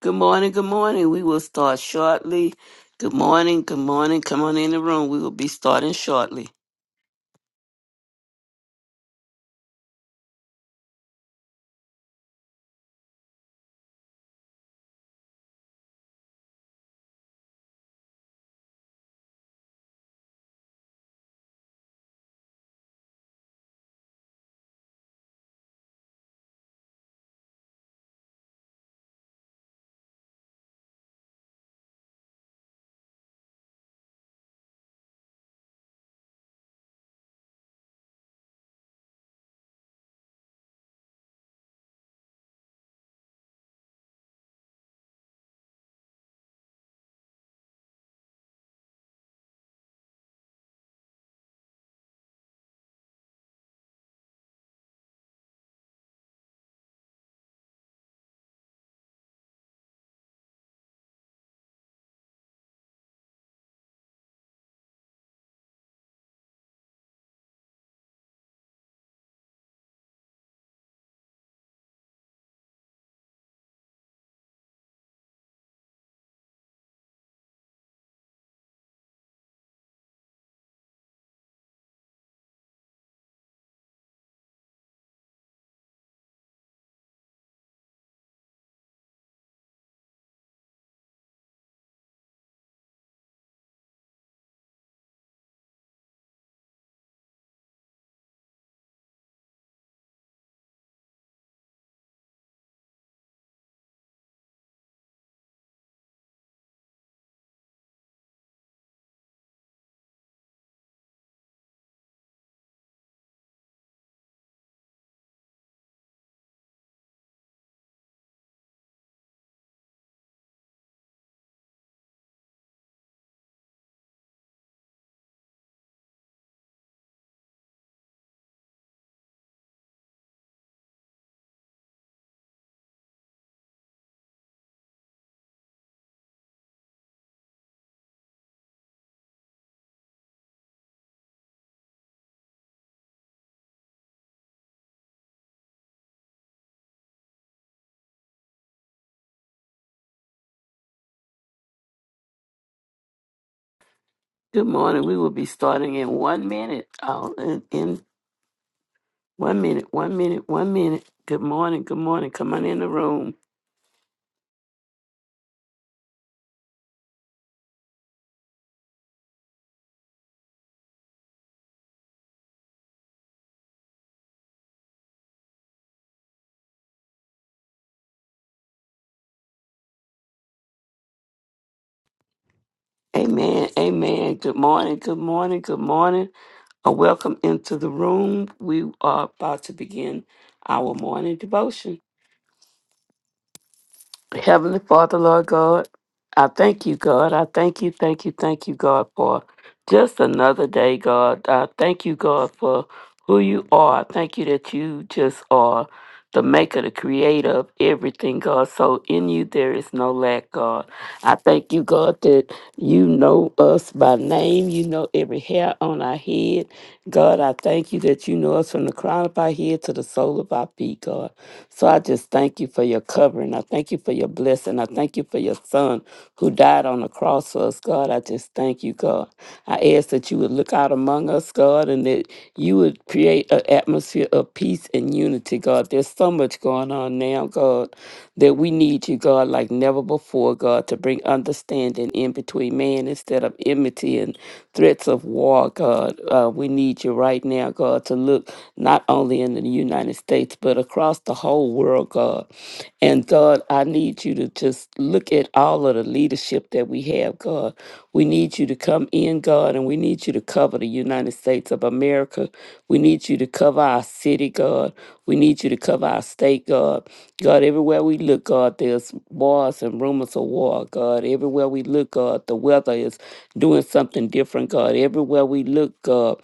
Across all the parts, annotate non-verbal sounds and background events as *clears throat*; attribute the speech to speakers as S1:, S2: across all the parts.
S1: Good morning, good morning. We will start shortly. Good morning, good morning. Come on in the room. We will be starting shortly. Good morning. We will be starting in one minute. Oh, in, in one minute, one minute, one minute. Good morning, good morning. Come on in the room. Amen, amen. Good morning, good morning, good morning. A welcome into the room. We are about to begin our morning devotion. Heavenly Father, Lord God, I thank you, God. I thank you, thank you, thank you, God, for just another day, God. I thank you, God, for who you are. I thank you that you just are the maker, the creator of everything, God. So in you there is no lack, God. I thank you, God, that you know us by name. You know every hair on our head. God, I thank you that you know us from the crown of our head to the sole of our feet, God. So I just thank you for your covering. I thank you for your blessing. I thank you for your son who died on the cross for us, God. I just thank you, God. I ask that you would look out among us, God, and that you would create an atmosphere of peace and unity, God. There's so much going on now, God, that we need you, God, like never before, God, to bring understanding in between man instead of enmity and threats of war, God. Uh, we need you right now, God, to look not only in the United States, but across the whole whole world, God. And God, I need you to just look at all of the leadership that we have, God. We need you to come in, God, and we need you to cover the United States of America. We need you to cover our city, God. We need you to cover our state, God. God, everywhere we look, God, there's wars and rumors of war, God. Everywhere we look, God, the weather is doing something different, God. Everywhere we look, God,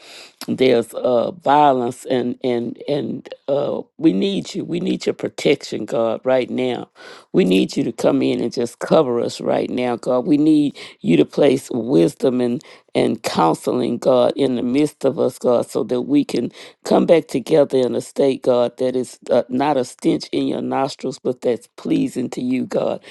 S1: there's uh, violence, and and and uh, we need you. We need your protection, God, right now. We need you to come in and just cover us right now, God. We need you to place wisdom and and counseling, God, in the midst of us, God, so that we can come back together in a state, God, that is uh, not a stench in your nostrils, but that's pleasing to you, God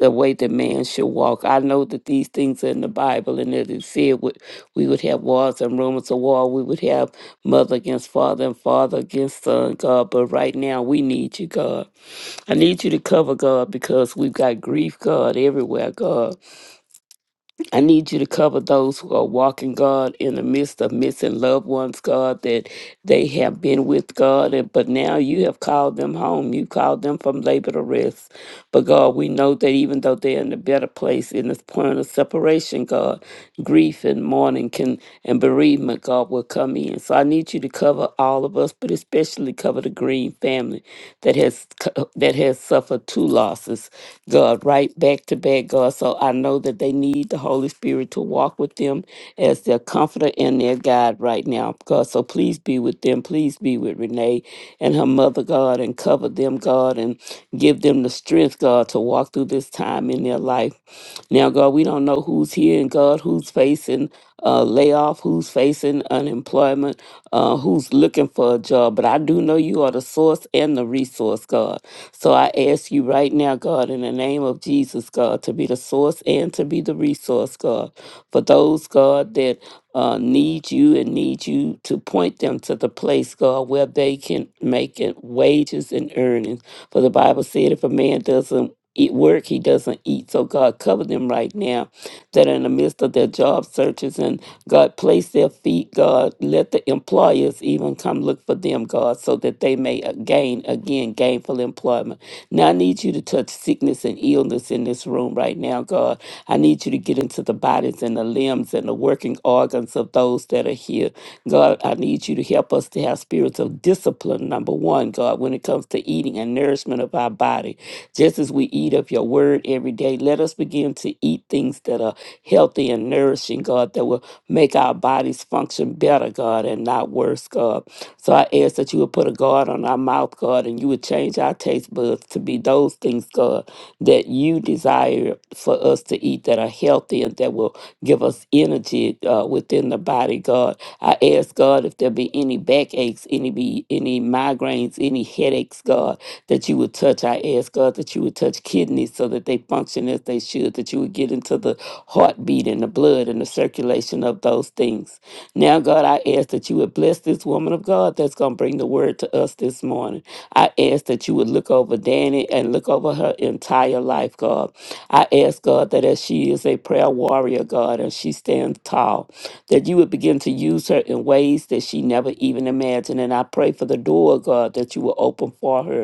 S1: is the way that man should walk. I know that these things are in the Bible and that it said would we would have wars and rumors of war. We would have mother against father and father against son, God. But right now we need you, God. I need you to cover, God, because we've got grief, God, everywhere, God. I need you to cover those who are walking, God, in the midst of missing loved ones, God, that they have been with God, and but now you have called them home. You called them from labor to rest. But God, we know that even though they're in a better place in this point of separation, God, grief and mourning can and bereavement, God, will come in. So I need you to cover all of us, but especially cover the Green family that has co- that has suffered two losses, God, right back to back, God. So I know that they need the Holy Spirit to walk with them as their comforter and their guide right now, God. So please be with them. Please be with Renee and her mother, God, and cover them, God, and give them the strength, God, to walk through this time in their life. Now, God, we don't know who's here and God, who's facing uh, layoff, who's facing unemployment, uh, who's looking for a job. But I do know you are the source and the resource, God. So I ask you right now, God, in the name of Jesus, God, to be the source and to be the resource, God, for those, God, that uh, need you and need you to point them to the place, God, where they can make it wages and earnings. For the Bible said, if a man doesn't eat work, he doesn't eat. So, God, cover them right now that in the midst of their job searches and God place their feet, God, let the employers even come look for them, God, so that they may uh, gain again gainful employment. Now I need you to touch sickness and illness in this room right now, God. I need you to get into the bodies and the limbs and the working organs of those that are here. God, I need you to help us to have spirits of discipline, number one, God, when it comes to eating and nourishment of our body. Just as we eat of your word every day, let us begin to eat things that are healthy and nourishing, God, that will make our bodies function better, God, and not worse, God. So I ask that you would put a guard on our mouth, God, and you would change our taste buds to be those things, God, that you desire for us to eat that are healthy and that will give us energy uh, within the body, God. I ask, God, if there be any backaches, any be any migraines, any headaches, God that you would touch. I ask, God, that you would touch kidneys so that they function as they should, that you would get into the heartbeat and the blood and the circulation of those things. Now, God, I ask that you would bless this woman of God that's going to bring the word to us this morning. I ask that you would look over Danny and look over her entire life, God. I ask, God, that as she is a prayer warrior, God, and she stands tall, that you would begin to use her in ways that she never even imagined. And I pray for the door, God, that you will open for her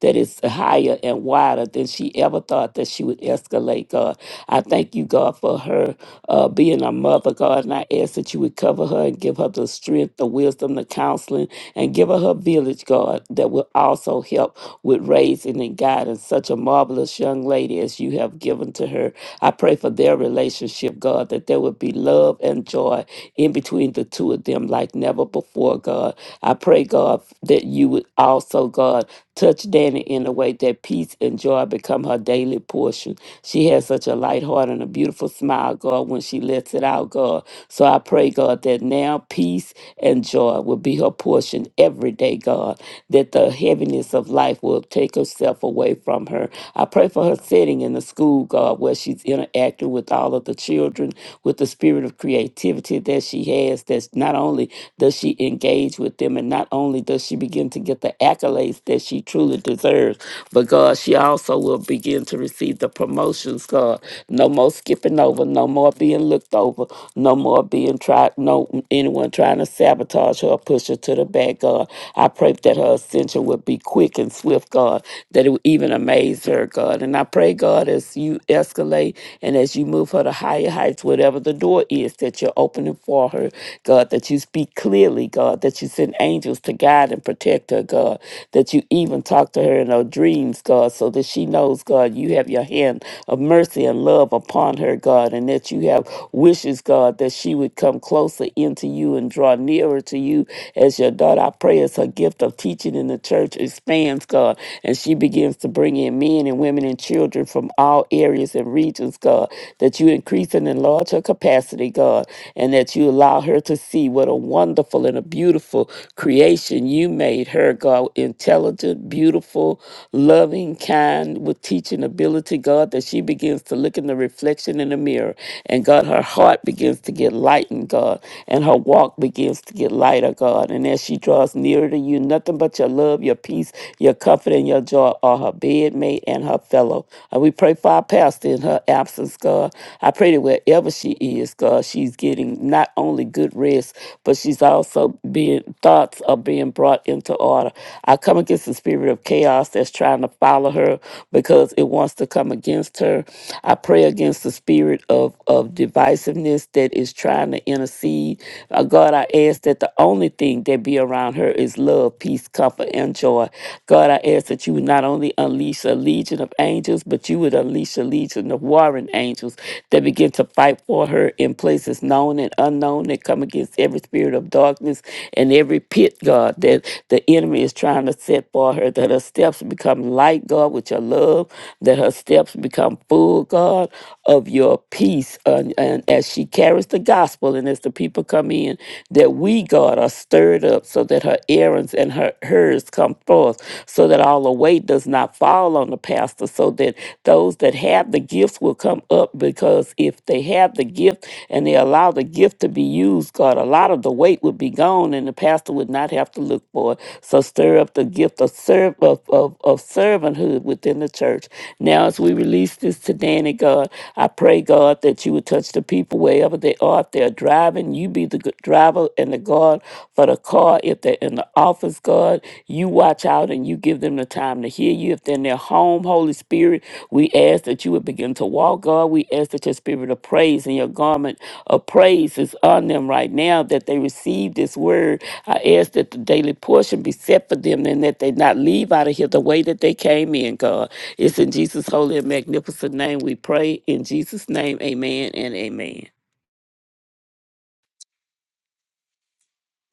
S1: that is higher and wider than she ever thought that she would escalate, God. I thank you, God, for her uh, being a mother, God, and I ask that you would cover her and give her the strength, the wisdom, the counseling, and give her her village, God, that will also help with raising and guiding such a marvelous young lady as you have given to her. I pray for their relationship, God, that there would be love and joy in between the two of them like never before, God. I pray, God, that you would also, God, Touch Danny in a way that peace and joy become her daily portion. She has such a light heart and a beautiful smile, God, when she lets it out, God. So I pray, God, that now peace and joy will be her portion every day, God, that the heaviness of life will take herself away from her. I pray for her sitting in the school, God, where she's interacting with all of the children with the spirit of creativity that she has that not only does she engage with them and not only does she begin to get the accolades that she truly deserves but god she also will begin to receive the promotions god no more skipping over no more being looked over no more being tried no anyone trying to sabotage her or push her to the back god i pray that her ascension would be quick and swift god that it would even amaze her god and I pray, God, as you escalate and as you move her to higher heights, whatever the door is that you're opening for her, God, that you speak clearly, God, that you send angels to guide and protect her, God, that you even talk to her in her dreams, God, so that she knows, God, you have your hand of mercy and love upon her, God, and that you have wishes, God, that she would come closer into you and draw nearer to you as your daughter. I pray as her gift of teaching teaching in the church expands, God, and she begins to bring in men and women and children from all areas and regions, God, that you increase and enlarge her capacity, God, and that you allow her to see what a wonderful and a beautiful creation you made her, God, intelligent, beautiful, loving, kind, with teaching ability, God, that she begins to look in the reflection in the mirror, and God, her heart begins to get lightened, God, and and her walk begins to get lighter, God. And as she draws nearer to you, nothing but your love, your peace, your comfort, and your joy are her bedmate and her fellow. And we pray for our pastor in her absence, God. I pray that wherever she is, God, she's getting not only good rest, but she's also being thoughts are being brought into order. I come against the spirit of chaos that's trying to follow her because it wants to come against her. I pray against against the spirit of, of divisiveness that is trying to intercede. Uh, God, I ask that the only thing that be around her is love, peace, comfort, and joy. God, I ask that you would not only unleash a legion of angels, but you would unleash a legion of warring angels that begin to fight for her in places known and unknown that come against every spirit of darkness and every pit, God, that the enemy is trying to set for her, that her steps become become light, God, with your love, that her steps become full, God, of your peace. And, and as she carries the gospel and as the people come in, that we, God, are stirred up so that her errands and her hers come forth, so that all the weight does not fall on the pastor, so that those that have the gifts will come up because if they have the gift and they allow the gift to be used, God, a lot of the weight would be gone and the pastor pastor would not have to look for it. So stir up the gift of serve of, of, of servanthood within the church. Now as we release this to Danny, God, I pray, God, that you would touch the people wherever they are. If they're driving, you be the g- driver and the guard for the car. If they're in the office, God, you watch out and you give them the time to hear you. If they're in their home, Holy Spirit, we ask that you would begin to walk, God. We ask that your spirit of praise in your garment of praise is on them right now that they receive this word. I ask that the daily portion be set for them and that they not leave out of here the way that they came in, God. It's in Jesus' holy and magnificent name we pray. In Jesus' name, amen and amen.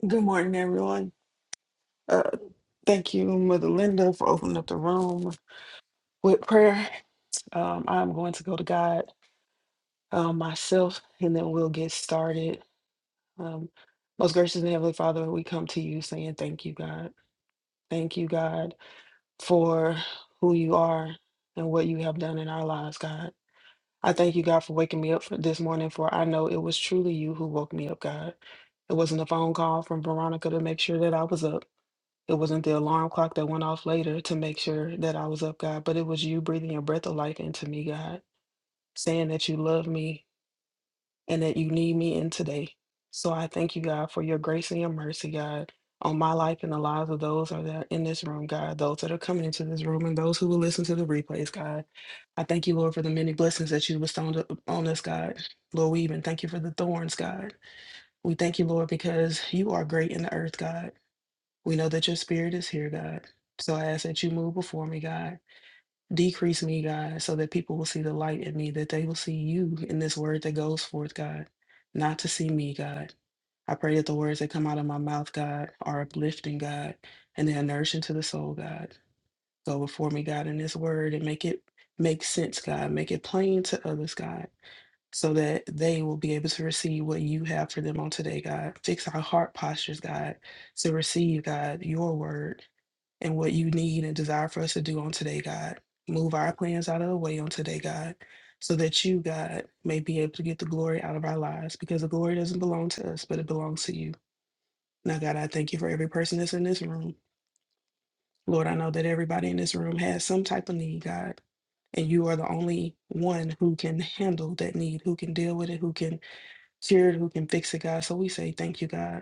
S2: Good morning, everyone. Uh, thank you, Mother Linda, for opening up the room with prayer. Um, I'm going to go to God um, myself, and then we'll get started. Um, most gracious and Heavenly Father, we come to you saying thank you, God. Thank you, God, for who you are and what you have done in our lives, God. I thank you, God, for waking me up for this morning, for I know it was truly you who woke me up, God. It wasn't a phone call from Veronica to make sure that I was up. It wasn't the alarm clock that went off later to make sure that I was up, God, but it was you breathing your breath of life into me, God, saying that you love me and that you need me in today. So I thank you, God, for your grace and your mercy, God, on my life and the lives of those that are in this room, God, those that are coming into this room and those who will listen to the replays, God. I thank you, Lord, for the many blessings that you bestowed on us, God. Lord, we even thank you for the thorns, God. We thank you, Lord, because you are great in the earth, God. We know that your spirit is here, God. So I ask that you move before me, God. Decrease me, God, so that people will see the light in me, that they will see you in this word that goes forth, God, not to see me, God. I pray that the words that come out of my mouth, God, are uplifting, God, and they're nourishing to the soul, God. Go before me, God, in this word and make it make sense, God. Make it plain to others, God, so that they will be able to receive what you have for them on today, God. Fix our heart postures, God, to receive, God, your word and what you need and desire for us to do on today, God. Move our plans out of the way on today, God, so that you, God, may be able to get the glory out of our lives because the glory doesn't belong to us, but it belongs to you. Now, God, I thank you for every person that's in this room. Lord, I know that everybody in this room has some type of need, God, and you are the only one who can handle that need, who can deal with it, who can cure it, who can fix it, God. So we say thank you, God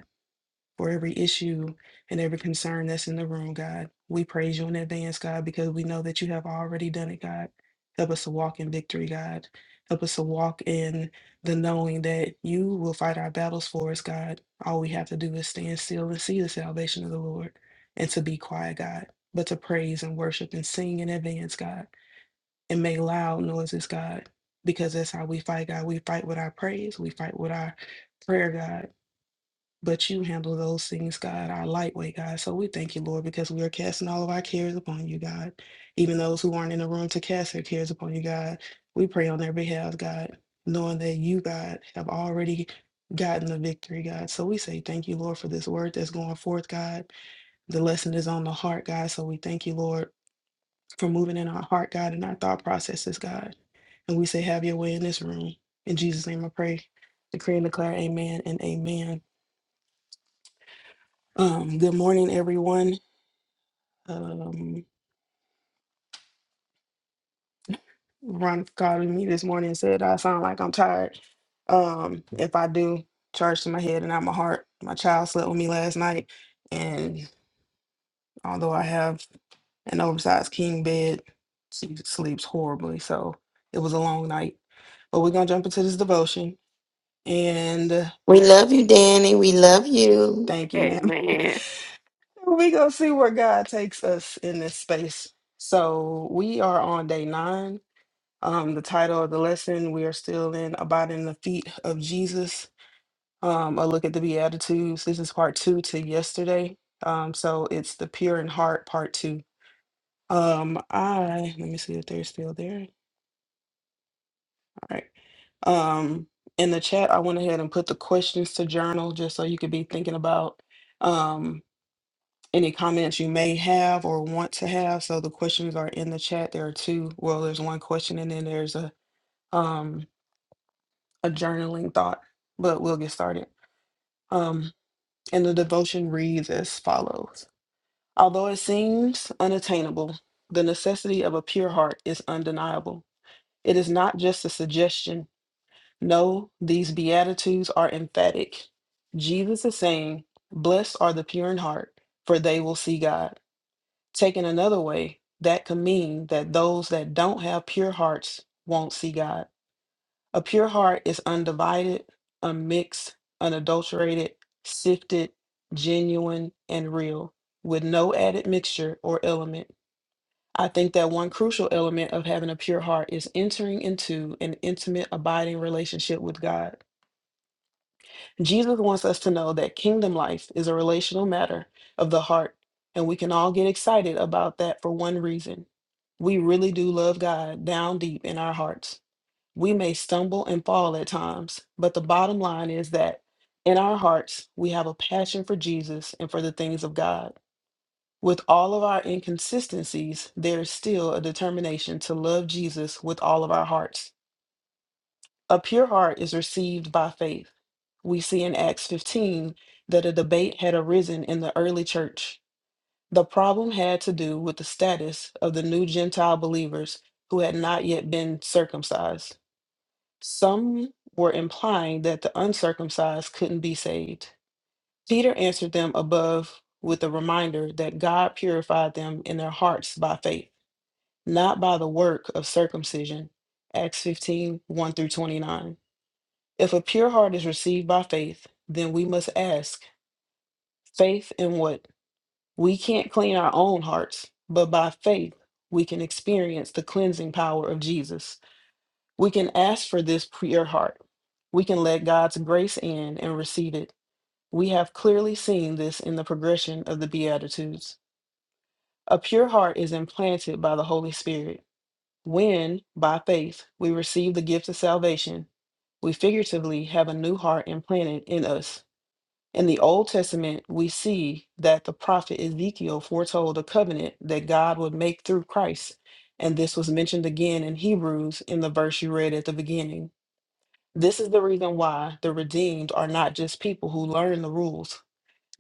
S2: for every issue and every concern that's in the room, God. We praise you in advance, God, because we know that you have already done it, God. Help us to walk in victory, God. Help us to walk in the knowing that you will fight our battles for us, God. All we have to do is stand still and see the salvation of the Lord and to be quiet, God, but to praise and worship and sing in advance, God, and make loud noises, God, because that's how we fight, God. We fight with our praise, we fight with our prayer, God. But you handle those things, God, our lightweight, God. So we thank you, Lord, because we are casting all of our cares upon you, God. Even those who aren't in the room to cast their cares upon you, God. We pray on their behalf, God, knowing that you, God, have already gotten the victory, God. So we say thank you, Lord, for this word that's going forth, God. The lesson is on the heart, God. So we thank you, Lord, for moving in our heart, God, and our thought processes, God. And we say, have your way in this room. In Jesus' name I pray, decree and declare, amen and amen. Um, good morning, everyone. Um, Ron called me this morning and said I sound like I'm tired. Um, if I do, charge to my head and not my heart. My child slept with me last night, and although I have an oversized king bed, she sleeps horribly. So it was a long night. But we're gonna jump into this devotion, and uh,
S3: We love you, Danny. We love you.
S2: thank you, ma'am. *laughs*
S1: Amen.
S2: we gonna see where God takes us in this space. So we are on day nine Um, the title of the lesson, we are still in Abiding in the Feet of Jesus, um, a look at the Beatitudes. This is part two to yesterday. Um, so it's the pure in heart, part two. Um, I, let me see if they're still there. All right. Um, in the chat, I went ahead and put the questions to journal just so you could be thinking about um, any comments you may have or want to have. So the questions are in the chat. There are two. Well, there's one question and then there's a um, a journaling thought, but we'll get started. Um, and the devotion reads as follows Although it seems unattainable, the necessity of a pure heart is undeniable. It is not just a suggestion. No, these Beatitudes are emphatic. Jesus is saying, Blessed are the pure in heart, for they will see God. Taken another way, that could mean that those that don't have pure hearts won't see God. A pure heart is undivided, unmixed, unadulterated, sifted, genuine, and real, with no added mixture or element. I think that one crucial element of having a pure heart is entering into an intimate, abiding relationship with God. Jesus wants us to know that kingdom life is a relational matter of the heart, and we can all get excited about that for one reason. We really do love God down deep in our hearts. We may stumble and fall at times, but the bottom line is that in our hearts, we have a passion for Jesus and for the things of God. With all of our inconsistencies, there is still a determination to love Jesus with all of our hearts. A pure heart is received by faith. We see in Acts 15 that a debate had arisen in the early church. The problem had to do with the status of the new Gentile believers who had not yet been circumcised. Some were implying that the uncircumcised couldn't be saved. Peter answered them above with a reminder that God purified them in their hearts by faith, not by the work of circumcision. Acts fifteen one through 29. If a pure heart is received by faith, then we must ask faith in what? We can't clean our own hearts, but by faith we can experience the cleansing power of Jesus. We can ask for this pure heart. We can let God's grace in and receive it. We have clearly seen this in the progression of the Beatitudes. A pure heart is implanted by the Holy Spirit. When, by faith, we receive the gift of salvation, we figuratively have a new heart implanted in us. In the Old Testament, we see that the prophet Ezekiel foretold a covenant that God would make through Christ, and this was mentioned again in Hebrews in the verse you read at the beginning. This is the reason why the redeemed are not just people who learn the rules.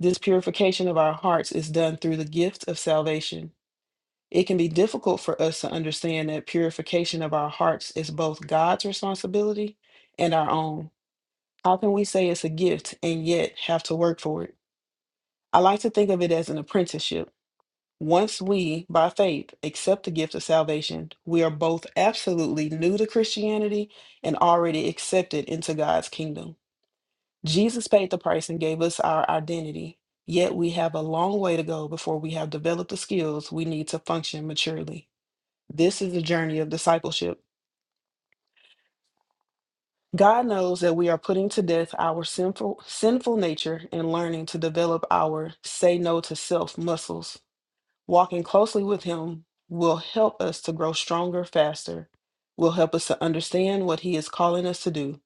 S2: This purification of our hearts is done through the gift of salvation. It can be difficult for us to understand that purification of our hearts is both God's responsibility and our own. How can we say it's a gift and yet have to work for it? I like to think of it as an apprenticeship. Once we, by faith, accept the gift of salvation, we are both absolutely new to Christianity and already accepted into God's kingdom. Jesus paid the price and gave us our identity, yet we have a long way to go before we have developed the skills we need to function maturely. This is the journey of discipleship. God knows that we are putting to death our sinful, sinful nature and learning to develop our say no to self muscles. Walking closely with Him will help us to grow stronger faster, will help us to understand what He is calling us to do,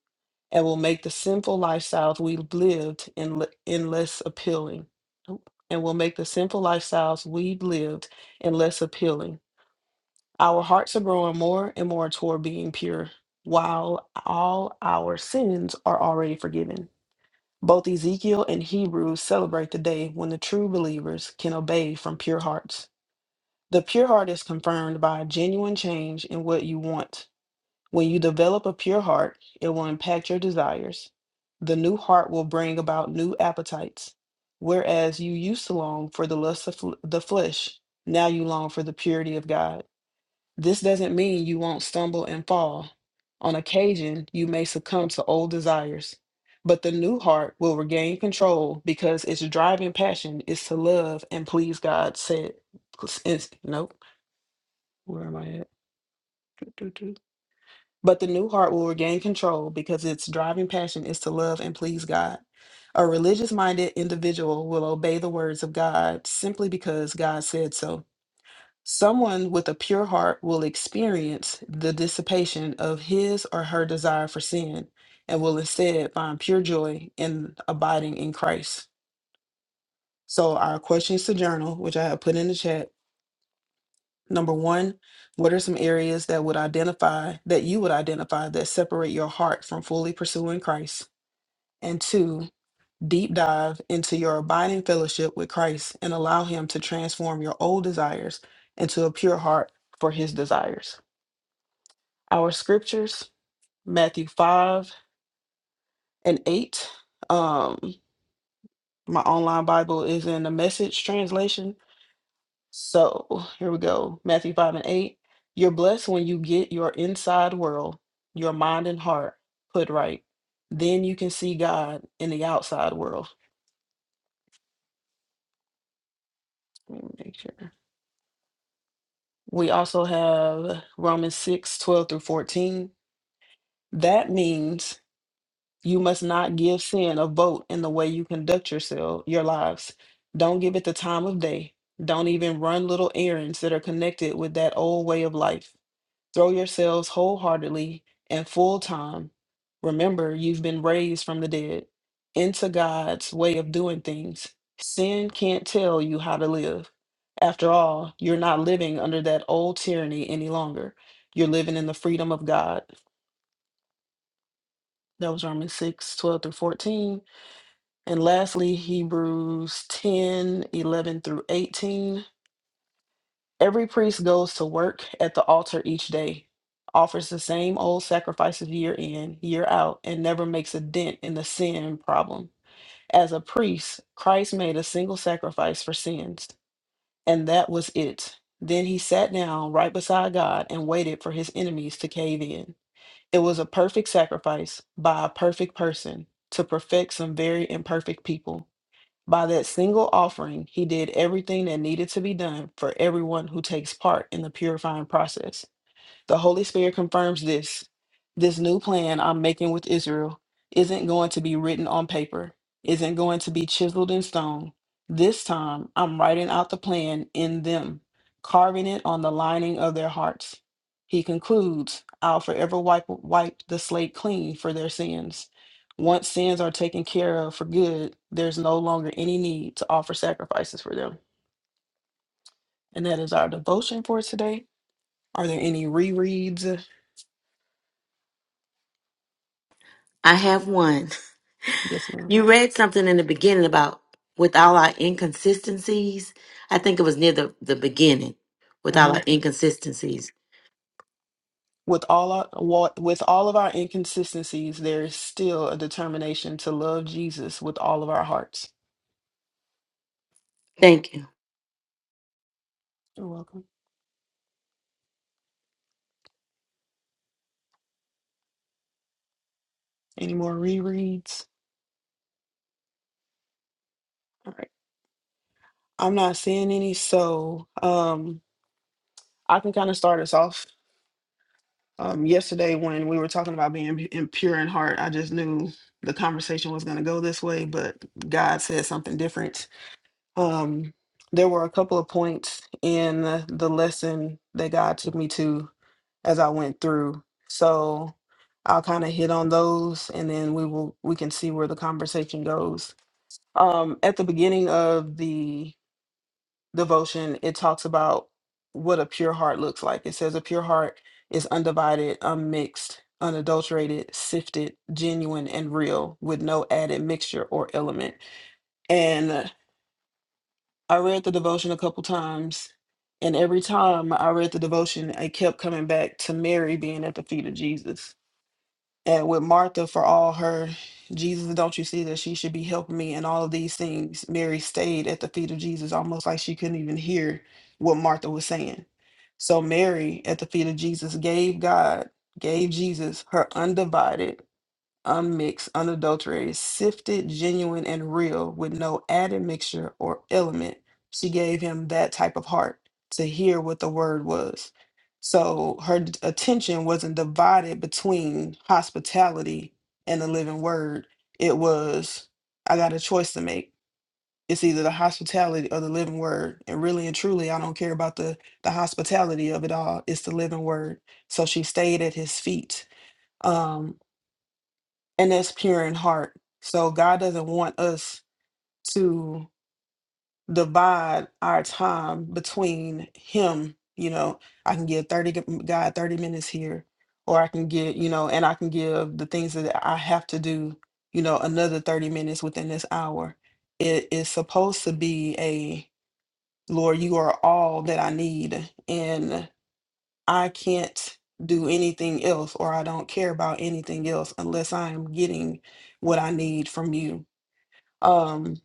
S2: and will make the sinful lifestyles we've lived in, in less appealing. Oop. And will make the sinful lifestyles we've lived in less appealing. Our hearts are growing more and more toward being pure, while all our sins are already forgiven. Both Ezekiel and Hebrews celebrate the day when the true believers can obey from pure hearts. The pure heart is confirmed by a genuine change in what you want when you develop a pure heart, it will impact your desires. The new heart will bring about new appetites. Whereas you used to long for the lust of fl- the flesh, now you long for the purity of God. This doesn't mean you won't stumble and fall. On occasion, you may succumb to old desires, but the new heart will regain control because its driving passion is to love and please God. Said, nope, where am I at? But the new heart will regain control because its driving passion is to love and please God. A religious minded individual will obey the words of God simply because God said so. Someone with a pure heart will experience the dissipation of his or her desire for sin and will instead find pure joy in abiding in Christ. So, our questions to journal, which I have put in the chat, Number one, what are some areas that would identify that you would identify that separate your heart from fully pursuing Christ? And two, deep dive into your abiding fellowship with Christ and allow Him to transform your old desires into a pure heart for His desires. Our scriptures, Matthew 5 and 8. Um, my online Bible is in the message translation. So here we go Matthew 5 and 8. You're blessed when you get your inside world, your mind and heart put right. Then you can see God in the outside world. Let me make sure. We also have Romans 6 12 through 14. That means you must not give sin a vote in the way you conduct yourself, your lives. Don't give it the time of day. Don't even run little errands that are connected with that old way of life Throw yourselves wholeheartedly and full time. Remember, you've been raised from the dead into God's way of doing things. Sin can't tell you how to live. After all, you're not living under that old tyranny any longer. You're living in the freedom of God. That was Romans 6 12 through 14. And lastly, Hebrews 10 11 through 18. Every priest goes to work at the altar each day, offers the same old sacrifices year in, year out, and never makes a dent in the sin problem. As a priest, Christ made a single sacrifice for sins, and that was it. Then he sat down right beside God and waited for his enemies to cave in. It was a perfect sacrifice by a perfect person to perfect some very imperfect people. By that single offering, he did everything that needed to be done for everyone who takes part in the purifying process. The Holy Spirit confirms this. This new plan I'm making with Israel isn't going to be written on paper, isn't going to be chiseled in stone. This time, I'm writing out the plan in them, carving it on the lining of their hearts. He concludes, I'll forever wipe, wipe the slate clean for their sins. Once sins are taken care of for good, there's no longer any need to offer sacrifices for them. And that is our devotion for today. Are there any rereads?
S3: I have one.
S2: Yes, ma'am.
S3: You read something in the beginning about with all our inconsistencies. I think it was near the, the beginning with all our
S2: Mhm.
S3: inconsistencies.
S2: With all our wa- with all of our inconsistencies, there is still a determination to love Jesus with all of our hearts.
S3: Thank you.
S2: You're welcome. Any more rereads? All right. I'm not seeing any, so um, I can kind of start us off. Um, yesterday, when we were talking about being pu- in- pure in heart, I just knew the conversation was going to go this way, but God said something different. Um, there were a couple of points in the the lesson that God took me to as I went through. So I'll kind of hit on those and then we will we can see where the conversation goes. Um at the beginning of the devotion, it talks about what a pure heart looks like. It says a pure heart is undivided, unmixed, unadulterated, sifted, genuine and real with no added mixture or element. And uh, I read the devotion a couple times and every time I read the devotion, I kept coming back to Mary being at the feet of Jesus and with Martha for all her Jesus, don't you see that she should be helping me and all of these things? Mary stayed at the feet of Jesus, almost like she couldn't even hear what Martha was saying. So Mary at the feet of Jesus gave God, gave Jesus her undivided unmixed, unadulterated, sifted, genuine, and real, with no added mixture or element. She gave him that type of heart to hear what the word was. So her d- attention wasn't divided between hospitality and the living word. It was, I got a choice to make. It's either the hospitality or the living word. And really and truly, I don't care about the, the hospitality of it all. It's the living word. So she stayed at his feet. Um and that's pure in heart. So God doesn't want us to divide our time between Him. You know, I can give thirty g- God thirty minutes here, or I can get you know, and I can give the things that I have to do. You know, another thirty minutes within this hour. It is supposed to be a Lord, you are all that I need, and I can't do anything else or I don't care about anything else unless I am getting what I need from you. Um,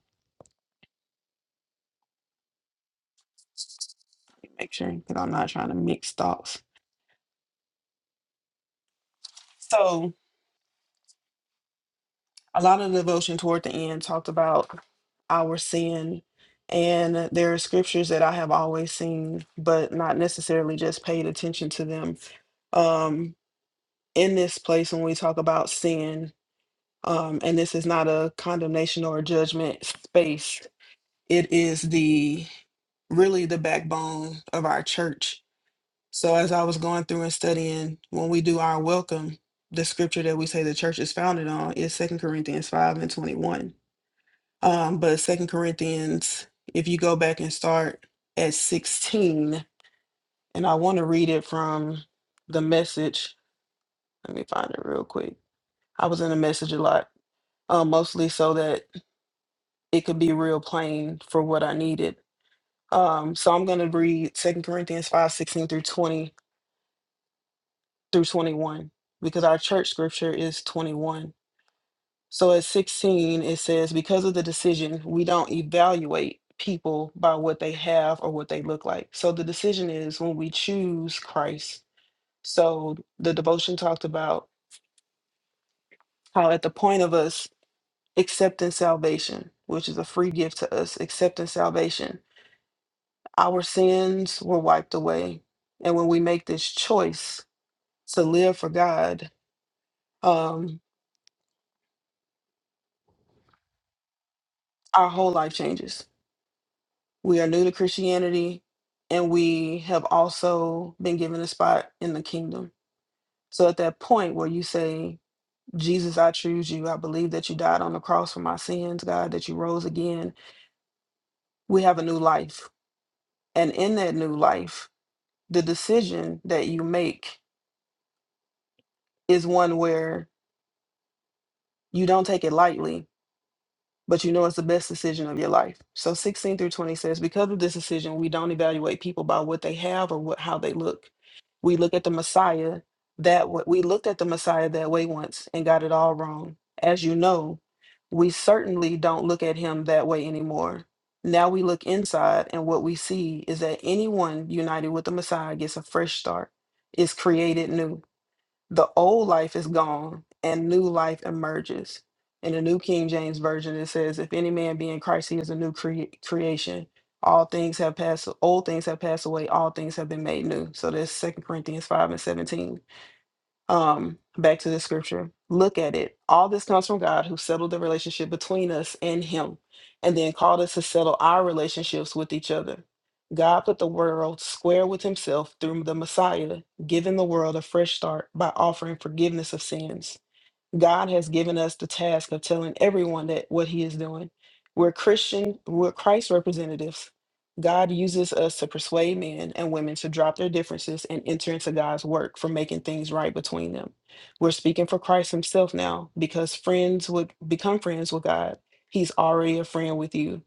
S2: make sure that I'm not trying to mix thoughts. So a lot of devotion toward the end talked about our sin. And there are scriptures that I have always seen, but not necessarily just paid attention to them. Um, in this place, when we talk about sin, um, and this is not a condemnation or a judgment space, It is the really the backbone of our church. So as I was going through and studying, when we do our welcome, the scripture that we say the church is founded on is Second Corinthians 5 and 21. Um, but Second Corinthians, if you go back and start at 16, and I want to read it from the message. Let me find it real quick. I was in the message a lot, um, mostly so that it could be real plain for what I needed Um, so I'm going to read Second Corinthians 5:16 through 20 through 21 because our church scripture is 21. So at 16, it says, Because of the decision, we don't evaluate people by what they have or what they look like. So the decision is when we choose Christ. So the devotion talked about how at the point of us accepting salvation, which is a free gift to us, accepting salvation, our sins were wiped away. And when we make this choice, to live for God, um, our whole life changes. We are new to Christianity and we have also been given a spot in the kingdom. So at that point where you say, Jesus, I choose you, I believe that you died on the cross for my sins, God, that you rose again, we have a new life. And in that new life, the decision that you make is one where you don't take it lightly but you know it's the best decision of your life. So 16 through 20 says, because of this decision, we don't evaluate people by what they have or what how they look. We look at the Messiah that wa- we looked at the Messiah that way once and got it all wrong. As you know, we certainly don't look at him that way anymore. Now we look inside, and what we see is that anyone united with the Messiah gets a fresh start, is created new. The old life is gone and new life emerges. In the New King James Version, it says, If any man be in Christ, he is a new crea- creation. All things have passed, old things have passed away, all things have been made new. So that's Second Corinthians 5 and 17 um back to the scripture look at it all this comes from god who settled the relationship between us and him and then called us to settle our relationships with each other god put the world square with himself through the messiah giving the world a fresh start by offering forgiveness of sins God has given us the task of telling everyone that what he is doing. We're Christian, we're Christ representatives. God uses us to persuade men and women to drop their differences and enter into God's work for making things right between them. We're speaking for Christ himself now because friends would become friends with God. He's already a friend with you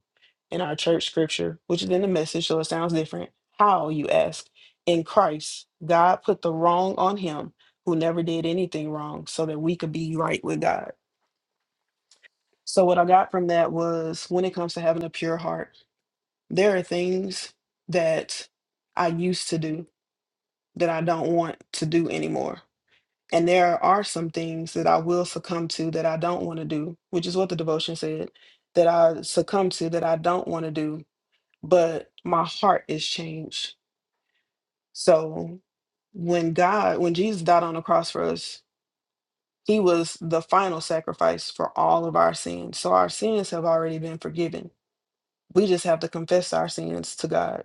S2: in our church scripture, which is in the message, so it sounds different. How, you ask? In Christ, God put the wrong on him who never did anything wrong so that we could be right with God. So, what I got from that was when it comes to having a pure heart, there are things that I used to do that I don't want to do anymore. And there are some things that I will succumb to that I don't want to do, which is what the devotion said that I succumb to that I don't want to do but my heart is changed. So when God, when Jesus died on the cross for us, he was the final sacrifice for all of our sins. So our sins have already been forgiven. We just have to confess our sins to God.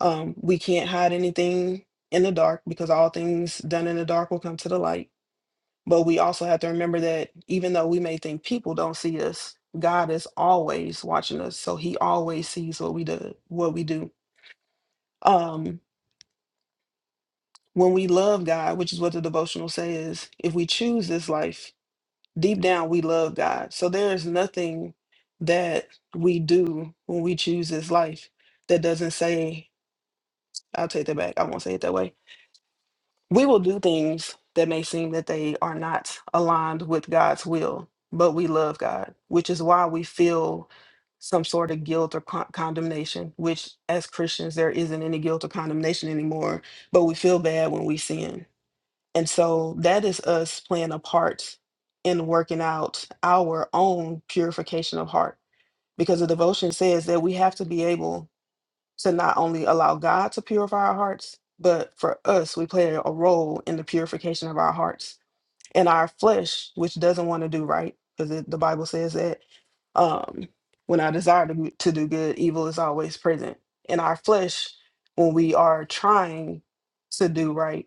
S2: Um, we can't hide anything in the dark because all things done in the dark will come to the light. But we also have to remember that even though we may think people don't see us, God is always watching us. So he always sees what we do what we do. Um When we love God, which is what the devotional says, if we choose this life, deep down we love God. So there is nothing that we do when we choose this life that doesn't say, I'll take that back. I won't say it that way. We will do things that may seem that they are not aligned with God's will, but we love God, which is why we feel some sort of guilt or con- condemnation, which as Christians, there isn't any guilt or condemnation anymore, but we feel bad when we sin and so that is us playing a part in working out our own purification of heart because the devotion says that we have to be able to not only allow God to purify our hearts, but for us, we play a role in the purification of our hearts and our flesh, which doesn't want to do right because the Bible says that um, when I desire to, do- to do good, evil is always present. In our flesh, when we are trying to do right,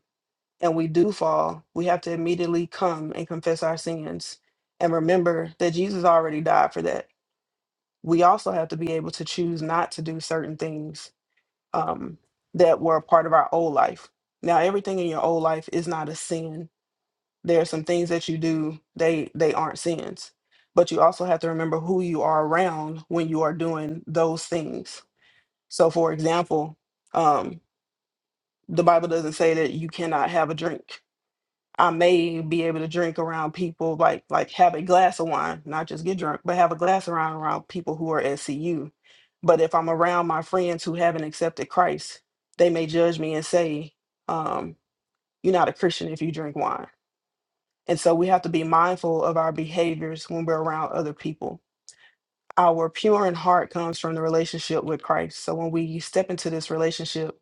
S2: and we do fall, we have to immediately come and confess our sins and remember that Jesus already died for that. We also have to be able to choose not to do certain things um, that were a part of our old life. Now, everything in your old life is not a sin. There are some things that you do they they aren't sins, but you also have to remember who you are around when you are doing those things. So, for example, um, the Bible doesn't say that you cannot have a drink I may be able to drink around people like like have a glass of wine, not just get drunk, but have a glass around around people who are at CU. But if I'm around my friends who haven't accepted Christ, they may judge me and say, um, "You're not a Christian if you drink wine." And so we have to be mindful of our behaviors when we're around other people our pure in heart comes from the relationship with Christ. So when we step into this relationship,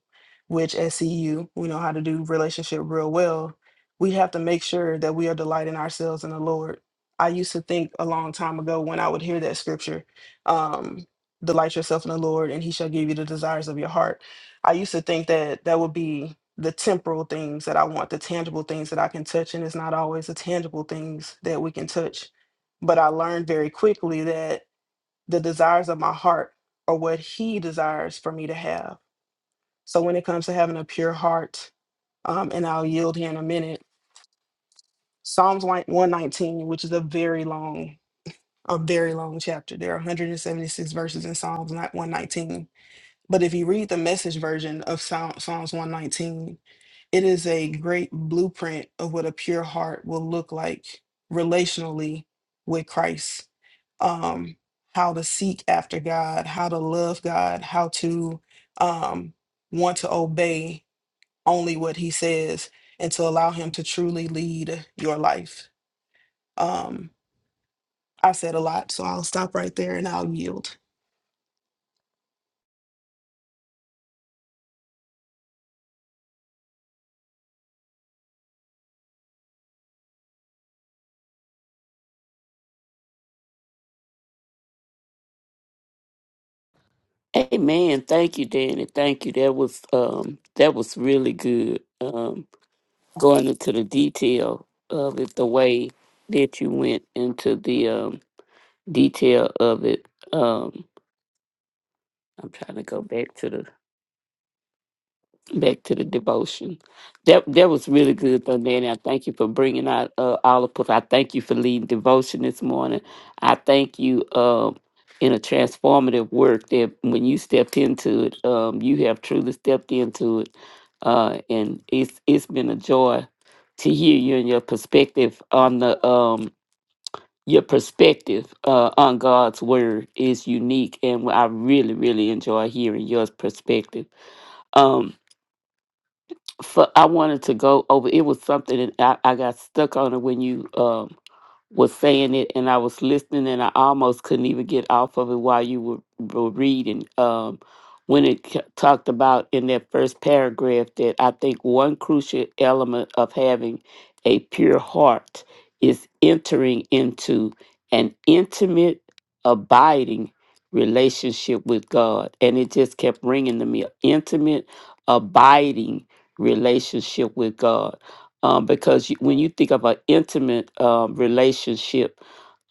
S2: which at CU we know how to do relationship real well, we have to make sure that we are delighting ourselves in the Lord. I used to think a long time ago when I would hear that scripture, um, delight yourself in the Lord and he shall give you the desires of your heart. I used to think that that would be the temporal things that I want, the tangible things that I can touch. And it's not always the tangible things that we can touch but I learned very quickly that the desires of my heart are what he desires for me to have. So when it comes to having a pure heart, um, and I'll yield here in a minute, Psalms 1- 119, which is a very long, a very long chapter. There are 176 verses in Psalms not 119. But if you read the message version of Psalm- Psalms 119, It is a great blueprint of what a pure heart will look like relationally with Christ. Um, how to seek after God, how to love God, how to um, want to obey only what He says, and to allow Him to truly lead your life. Um, I said a lot, so I'll stop right there and I'll yield.
S1: Amen. Thank you, Danny. Thank you. That was um that was really good. Um going into the detail of it, the way that you went into the um detail of it. Um I'm trying to go back to the back to the devotion. That that was really good though, Nanny. I thank you for bringing out uh, all of us. I thank you for leading devotion this morning. I thank you um, in a transformative work that when you stepped into it, um, you have truly stepped into it, uh, and it's it's been a joy to hear you and your perspective on the um, your perspective uh, on God's word is unique, and I really really enjoy hearing your perspective um so i wanted to go over it was something that i, I got stuck on it when you um was saying it, and I was listening, and I almost couldn't even get off of it while you were, were reading. Um, when it c- talked about in that first paragraph that I think one crucial element of having a pure heart is entering into an intimate, abiding relationship with God. And it just kept ringing to me intimate, abiding relationship with God um, because you, when you think of an intimate um, relationship,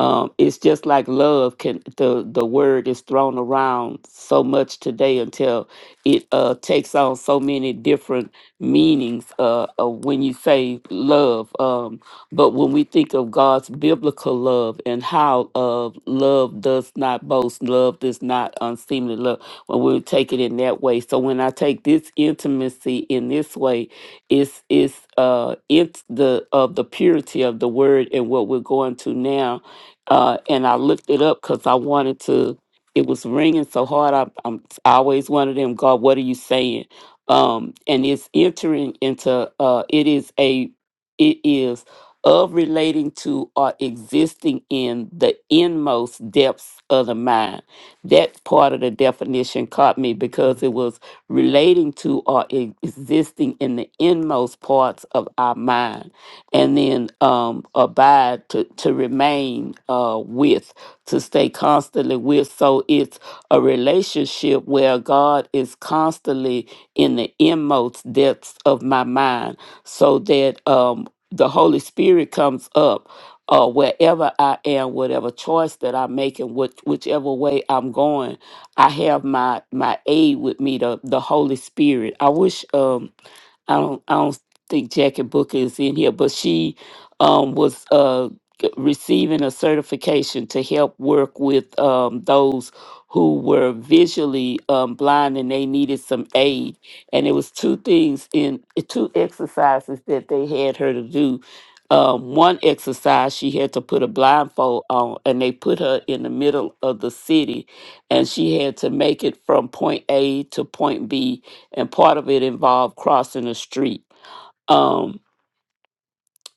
S1: um, it's just like love. Can the the word is thrown around so much today until it uh, takes on so many different meanings uh, of when you say love. Um, but when we think of God's biblical love and how uh, love does not boast, love does not unseemly love, when we take it in that way. So when I take this intimacy in this way, it's it's uh it's the of the purity of the word and what we're going to now uh and i looked it up because i wanted to it was ringing so hard I, i'm I always one of them god what are you saying um and it's entering into uh it is a it is of relating to or existing in the inmost depths of the mind that part of the definition caught me because it was relating to or e- existing in the inmost parts of our mind, and then um, abide to, to remain uh, with, to stay constantly with. So it's a relationship where God is constantly in the inmost depths of my mind so that um, the Holy Spirit comes up uh, wherever I am, whatever choice that I'm making, which, whichever way I'm going. I have my my aid with me, the the Holy Spirit. I wish um I don't I don't think Jackie Booker is in here, but she um, was uh, g- receiving a certification to help work with um, those who were visually um, blind and they needed some aid. And it was two things in two exercises that they had her to do. Um, one exercise, she had to put a blindfold on, and they put her in the middle of the city, and she had to make it from point A to point B and part of it involved crossing a street. Um,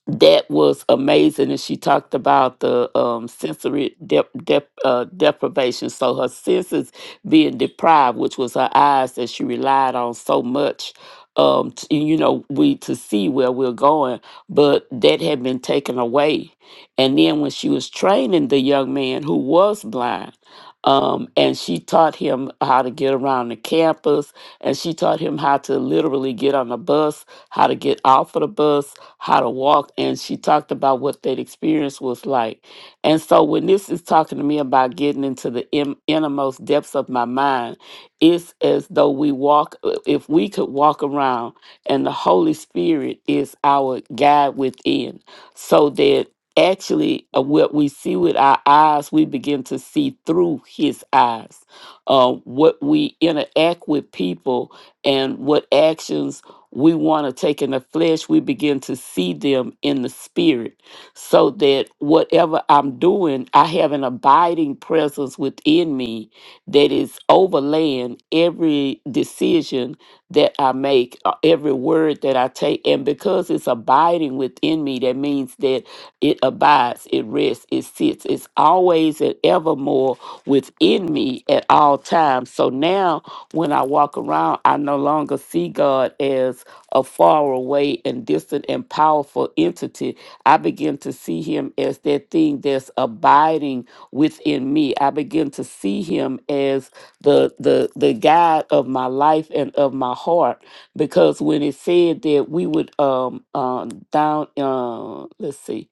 S1: that was amazing and she talked about the um, sensory dep dep uh, deprivation so her senses being deprived which was her eyes that she relied on so much um, to, you know we to see where we're going but that had been taken away and then when she was training the young man who was blind um, and she taught him how to get around the campus and she taught him how to literally get on the bus how to get off of the bus how to walk and she talked about what that experience was like. And so when this is talking to me about getting into the in- innermost depths of my mind, it's as though we walk uh, if we could walk around and the Holy Spirit is our guide within so that actually uh, what we see with our eyes we begin to see through his eyes uh, what we interact with people and what actions we want to take in the flesh, we begin to see them in the spirit. So that whatever I'm doing, I have an abiding presence within me that is overlaying every decision that I make, uh, every word that I take. And because it's abiding within me, that means that it abides, it rests, it sits, it's always and evermore within me at all times. So now when I walk around, I no longer see God as a far away and distant and powerful entity. I begin to see him as that thing that's abiding within me. I begin to see him as the the the guide of my life and of my heart. Because when it said that we would um uh, down uh let's see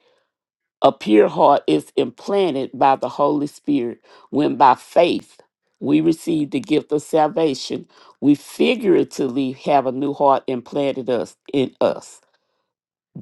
S1: a pure heart is implanted by the Holy Spirit. When by faith we receive the gift of salvation, we figuratively have a new heart implanted us in us.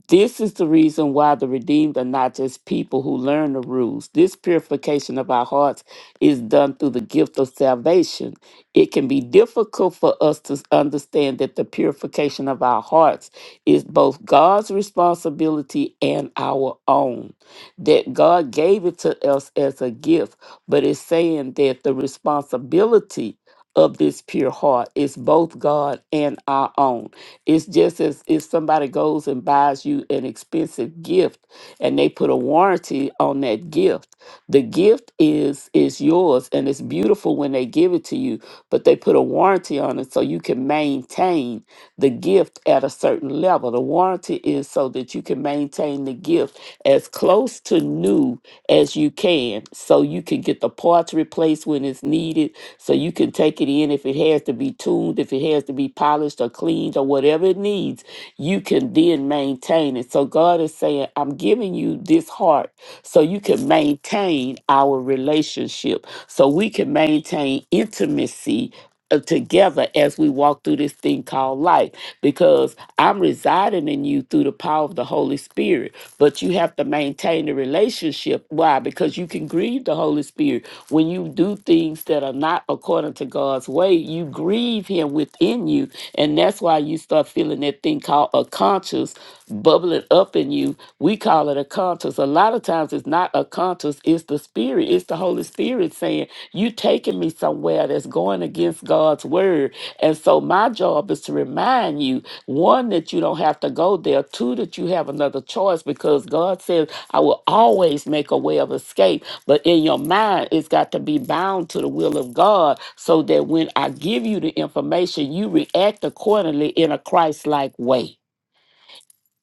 S1: This is the reason why the redeemed are not just people who learn the rules. This purification of our hearts is done through the gift of salvation. It can be difficult for us to understand that the purification of our hearts is both God's responsibility and our own. That God gave it to us as a gift, but it's saying that the responsibility of this pure heart is both God and our own it's just as if somebody goes and buys you an expensive gift and they put a warranty on that gift. The gift is is yours and it's beautiful when they give it to you, but they put a warranty on it so you can maintain the gift at a certain level. The warranty is so that you can maintain the gift as close to new as you can so you can get the parts replaced when it's needed so you can take it in if it has to be tuned, if it has to be polished or cleaned or whatever it needs, you can then maintain it. So God is saying, I'm giving you this heart so you can maintain our relationship, so we can maintain intimacy. uh, Together as we walk through this thing called life, because I'm residing in you through the power of the Holy Spirit but you have to maintain the relationship. Why? Because you can grieve the Holy Spirit. When you do things that are not according to God's way, you grieve Him within you. And that's why you start feeling that thing called a conscience bubbling up in you. We call it a conscience. A lot of times it's not a conscience, it's the Spirit, it's the Holy Spirit saying, You taking me somewhere that's going against God's word. And so my job is to remind you one, that you don't have to go there. Two, that you have another choice because God says, I will always make a way of escape. But in your mind, it's got to be bound to the will of God so that when I give you the information, you react accordingly in a Christ like way.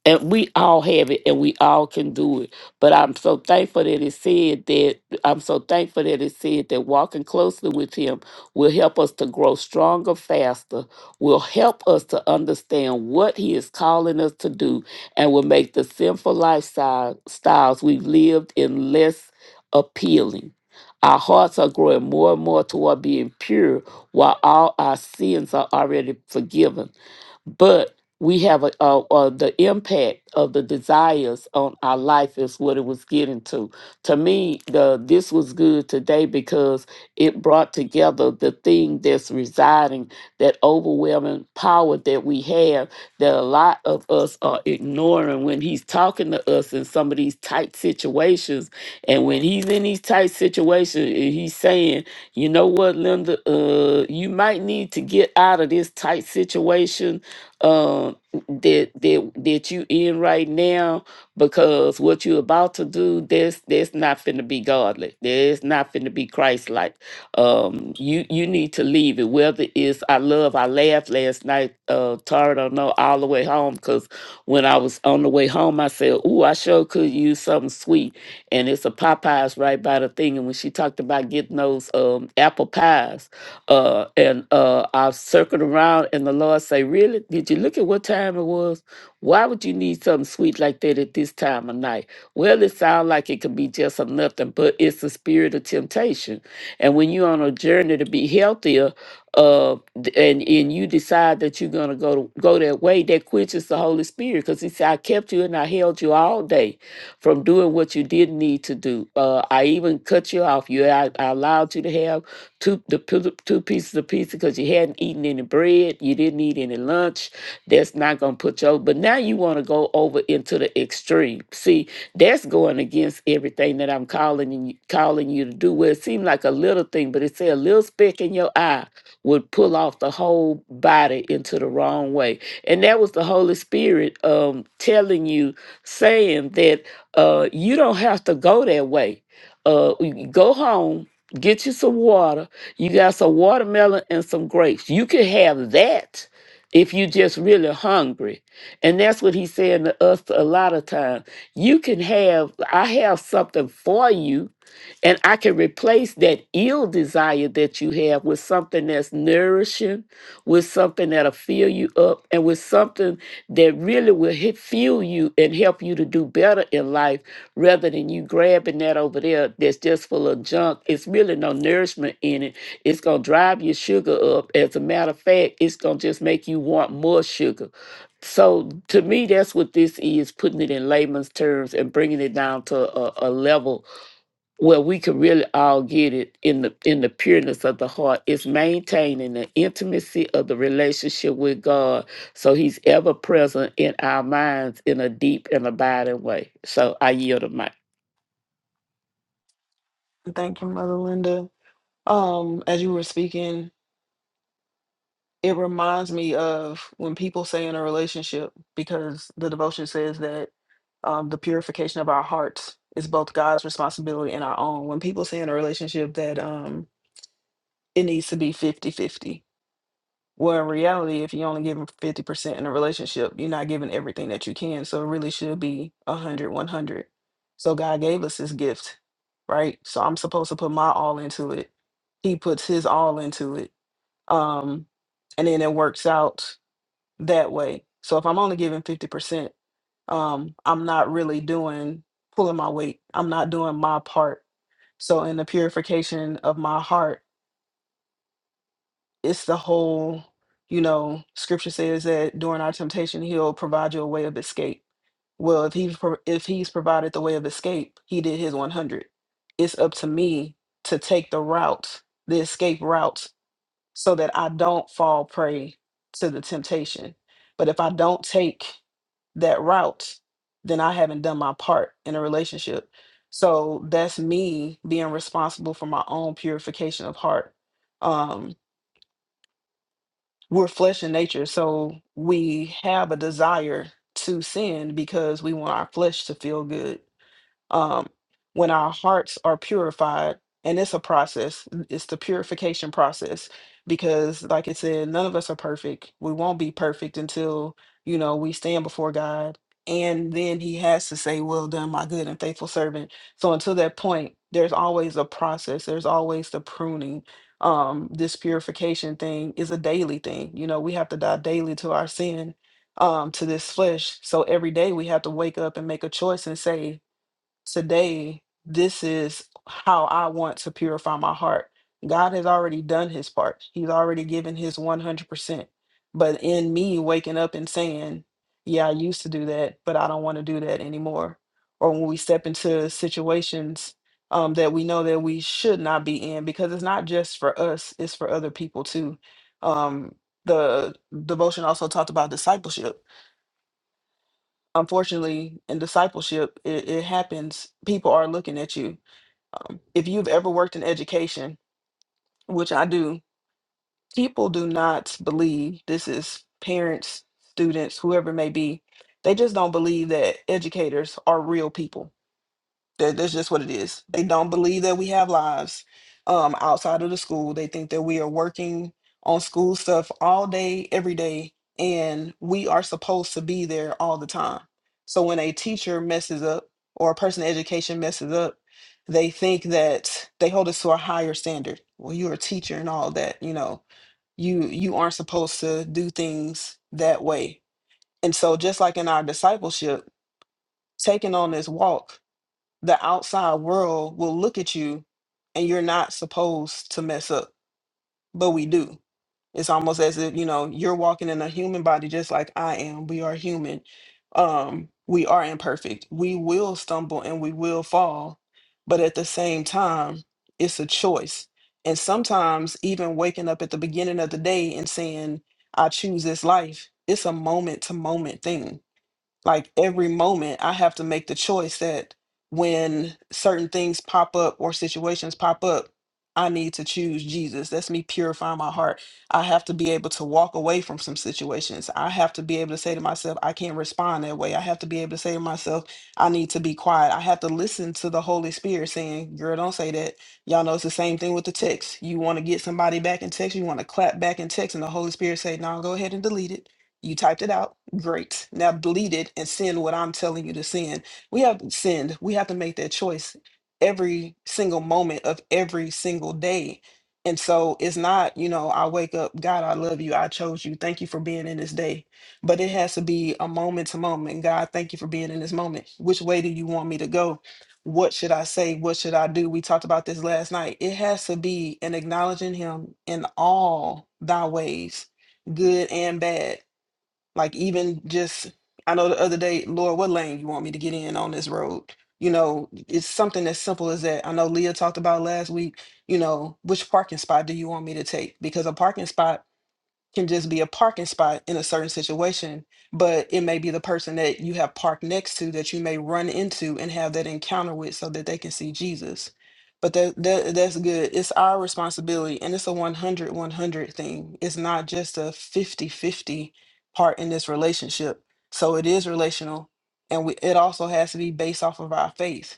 S1: And we all have it and we all can do it. But I'm so thankful that it said that I'm so thankful that it said that walking closely with him will help us to grow stronger faster, will help us to understand what he is calling us to do, and will make the sinful lifestyle styles we've lived in less appealing. Our hearts are growing more and more toward being pure while all our sins are already forgiven but we have a, a, a the impact of the desires on our life is what it was getting to. To me, the this was good today because it brought together the thing that's residing, that overwhelming power that we have that a lot of us are ignoring when he's talking to us in some of these tight situations. And when he's in these tight situations, and he's saying, you know what, Linda, uh, you might need to get out of this tight situation uh, that that that you in right now because what you're about to do that's that's not finna be godly that's not finna be christ-like um you you need to leave it whether it's i love i laughed last night uh tired or no all the way home because when i was on the way home i said "Ooh, i sure could use something sweet and it's a popeyes right by the thing and when she talked about getting those um apple pies uh, and uh, I circled around, and the Lord say, "Really? Did you look at what time it was? Why would you need something sweet like that at this time of night?" Well, it sounds like it could be just a nothing, but it's the spirit of temptation. And when you're on a journey to be healthier, uh, d- and and you decide that you're gonna go to, go that way, that quenches the Holy Spirit, because He said, "I kept you and I held you all day." from doing what you didn't need to do. Uh, I even cut you off. You, I, I allowed you to have two the pi- two pieces of pizza because you hadn't eaten any bread, you didn't eat any lunch. That's not gonna put you over. But now you want to go over into the extreme. See, that's going against everything that I'm calling and calling you to do. Well, it seemed like a little thing, but it said a little speck in your eye would pull off the whole body into the wrong way. And that was the Holy Spirit um telling you, saying that uh you don't have to go that way. Uh you you go home, get you some water you got some watermelon and some grapes. You could have that if you just really hungry. And that's what he's saying to us a lot of times. You can have, I have something for you and I can replace that ill desire that you have with something that's nourishing, with something that'll fill you up, and with something that really will hit, fuel you and help you to do better in life rather than you grabbing that over there that's just full of junk. It's really no nourishment in it. It's going to drive your sugar up. As a matter of fact, it's going to just make you want more sugar. So to me, that's what this is putting it in layman's terms and bringing it down to a, a level where we can really all get it in the in the pureness of the heart is maintaining the intimacy of the relationship with God so he's ever present in our minds in a deep and abiding way. So I yield to mic.
S2: Thank you, Mother Linda. Um, as you were speaking, It reminds me of when people say in a relationship, because the devotion says that um, the purification of our hearts is both God's responsibility and our own. When people say in a relationship that um, it needs to be fifty-fifty, well, in reality, if you only give 50% in a relationship, you're not giving everything that you can. So it really should be 100 100. So God gave us this gift, right? So I'm supposed to put my all into it. He puts his all into it. Um, and then it works out that way. So if I'm only giving 50%, um, I'm not really doing pulling my weight. I'm not doing my part. So in the purification of my heart, it's the whole, you know, scripture says that during our temptation, he'll provide you a way of escape. Well, if he's pro- if he's provided the way of escape, he did his 100. It's up to me to take the route, the escape route so that I don't fall prey to the temptation. But if I don't take that route, then I haven't done my part in a relationship. So that's me being responsible for my own purification of heart. Um, we're flesh in nature, so we have a desire to sin because we want our flesh to feel good um, when our hearts are purified, and it's a process, n- it's the purification process, because like I said, none of us are perfect. We won't be perfect until, you know, we stand before God. And then he has to say, Well done, my good and faithful servant. So until that point, there's always a process, there's always the pruning. Um, this purification thing is a daily thing. You know, we have to die daily to our sin, um, to this flesh. So every day we have to wake up and make a choice and say, today, this is how I want to purify my heart. God has already done his part, he's already given his 100%. But in me waking up and saying, Yeah, I used to do that, but I don't want to do that anymore. Or when we step into situations um, that we know that we should not be in, because it's not just for us, it's for other people too. Um, the devotion also talked about discipleship unfortunately in discipleship it, it happens people are looking at you if you've ever worked in education, which I do, people do not believe this is parents, students, whoever it may be. They just don't believe that educators are real people that, that's just what it is. They don't believe that we have lives um, outside of the school. They think that we are working on school stuff all day, every day, and we are supposed to be there all the time. So when a teacher messes up or a person in education messes up, they think that they hold us to a higher standard. Well, you're a teacher and all that, you know, you you aren't supposed to do things that way. And so just like in our discipleship, taking on this walk the outside world will look at you and you're not supposed to mess up, but we do. It's almost as if, you know, you're walking in a human body just like I am. We are human. Um, we are imperfect. We will stumble and we will fall, but at the same time, it's a choice. And sometimes even waking up at the beginning of the day and saying, I choose this life, it's a moment to moment thing like every moment i have to make the choice that when certain things pop up or situations pop up i need to choose jesus that's me purifying my heart i have to be able to walk away from some situations i have to be able to say to myself i can't respond that way i have to be able to say to myself i need to be quiet i have to listen to the holy spirit saying girl don't say that y'all know it's the same thing with the text you want to get somebody back in text you want to clap back in text and the holy spirit say no go ahead and delete it you typed it out. Great. Now delete it and send what I'm telling you to send. We have to send. We have to make that choice every single moment of every single day. And so it's not, you know, I wake up, God, I love you. I chose you. Thank you for being in this day. But it has to be a moment to moment. God, thank you for being in this moment. Which way do you want me to go? What should I say? What should I do? We talked about this last night. It has to be an acknowledging Him in all thy ways, good and bad like even just, I know the other day, Lord, what lane you want me to get in on this road? You know, it's something as simple as that. I know Leah talked about last week, you know, which parking spot do you want me to take? Because a parking spot can just be a parking spot in a certain situation, but it may be the person that you have parked next to that you may run into and have that encounter with so that they can see Jesus. But that, that that's good. It's our responsibility and it's a 100 100 thing. It's not just a 50 50 part in this relationship. So it is relational and we, it also has to be based off of our faith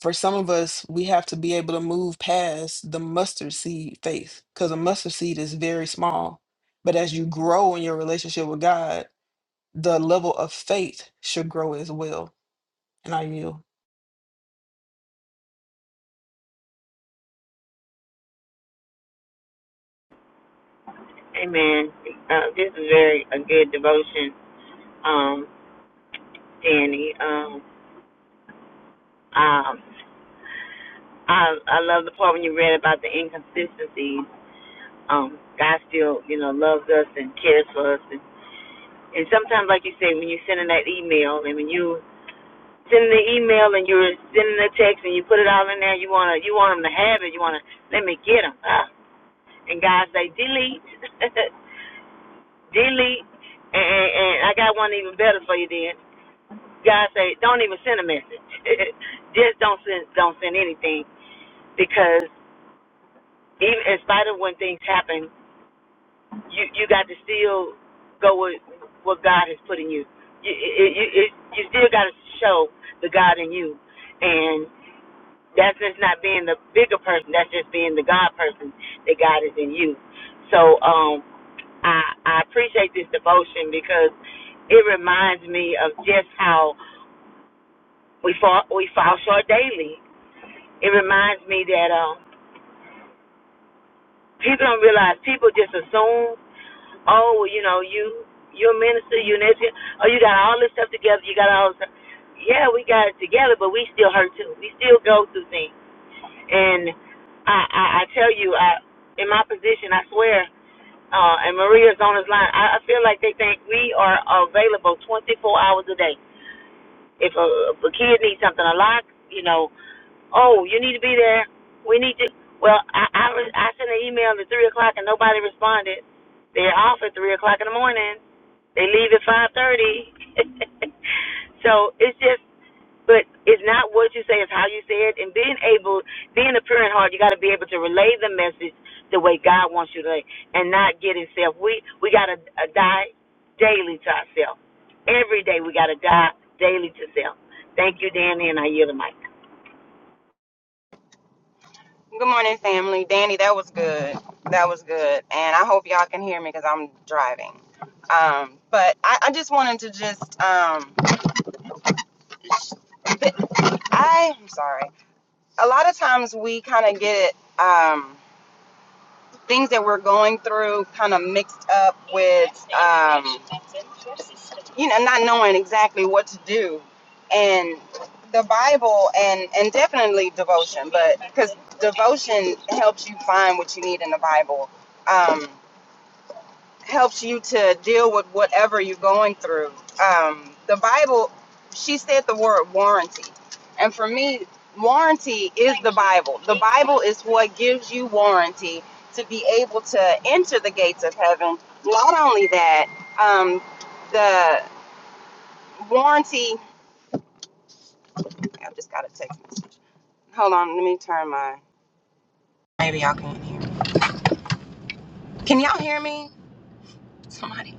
S2: for some of us, we have to be able to move past the mustard seed faith because a mustard seed is very small. But as you grow in your relationship with God, the level of faith should grow as well. And I yield.
S3: Amen. Uh, this is very a good devotion, um, Danny. Um, um, I I love the part when you read about the inconsistencies. Um, God still, you know, loves us and cares for us, and, and sometimes, like you say, when you send in that email, and when you send the email and you're sending the text and you put it all in there. You wanna you want them to have it. You wanna let me get them. Ah. And God say delete, *laughs* delete. And, and, and I got one even better for you then. God say don't even send a message. *laughs* Just don't send don't send anything because even in spite of when things happen, you you got to still go with what God has put in you. You you you, you still got to show the God in you. and. That's just not being the bigger person. That's just being the God person that God is in you. So um, I, I appreciate this devotion because it reminds me of just how we fall we fall short daily. It reminds me that um, people don't realize people just assume, oh, well, you know, you you're a minister, you're an educator, oh, you got all this stuff together, you got all this stuff. Yeah, we got it together, but we still hurt too. We still go through things And I, I, I tell you, I in my position, I swear, uh, and Maria's on his line. I, I feel like they think we are available 24 hours a day. If a, if a kid needs something a lock, you know, oh, you need to be there. We need to. Well, I I, was- I sent an email at three o'clock and nobody responded. They're off at three o'clock in the morning. They leave at five thirty. *laughs* so it's just but it's not what you say, it's how you say it. And being able, being a pure in heart, you got to be able to relay the message the way God wants you to, and not getting self. We we got to uh, die daily to ourselves. Every day we got to die daily to self. Thank you, Danny, and I yield the mic.
S4: Good morning, family. Danny, that was good. That was good. And I hope y'all can hear me because I'm driving. Um, but I, I just wanted to just, um, th- I, I'm sorry. A lot of times we kind of get um, things that we're going through kind of mixed up with, um, you know, not knowing exactly what to do. And the Bible and, and definitely devotion, but because devotion helps you find what you need in the Bible. Um, helps you to deal with whatever you're going through. Um, the Bible, she said the word warranty. And for me, warranty is the Bible. The Bible is what gives you warranty to be able to enter the gates of heaven. Not only that, um, the warranty, I just got a text message. Hold on, let me turn my. Maybe y'all can't hear me. Can y'all hear me? Somebody.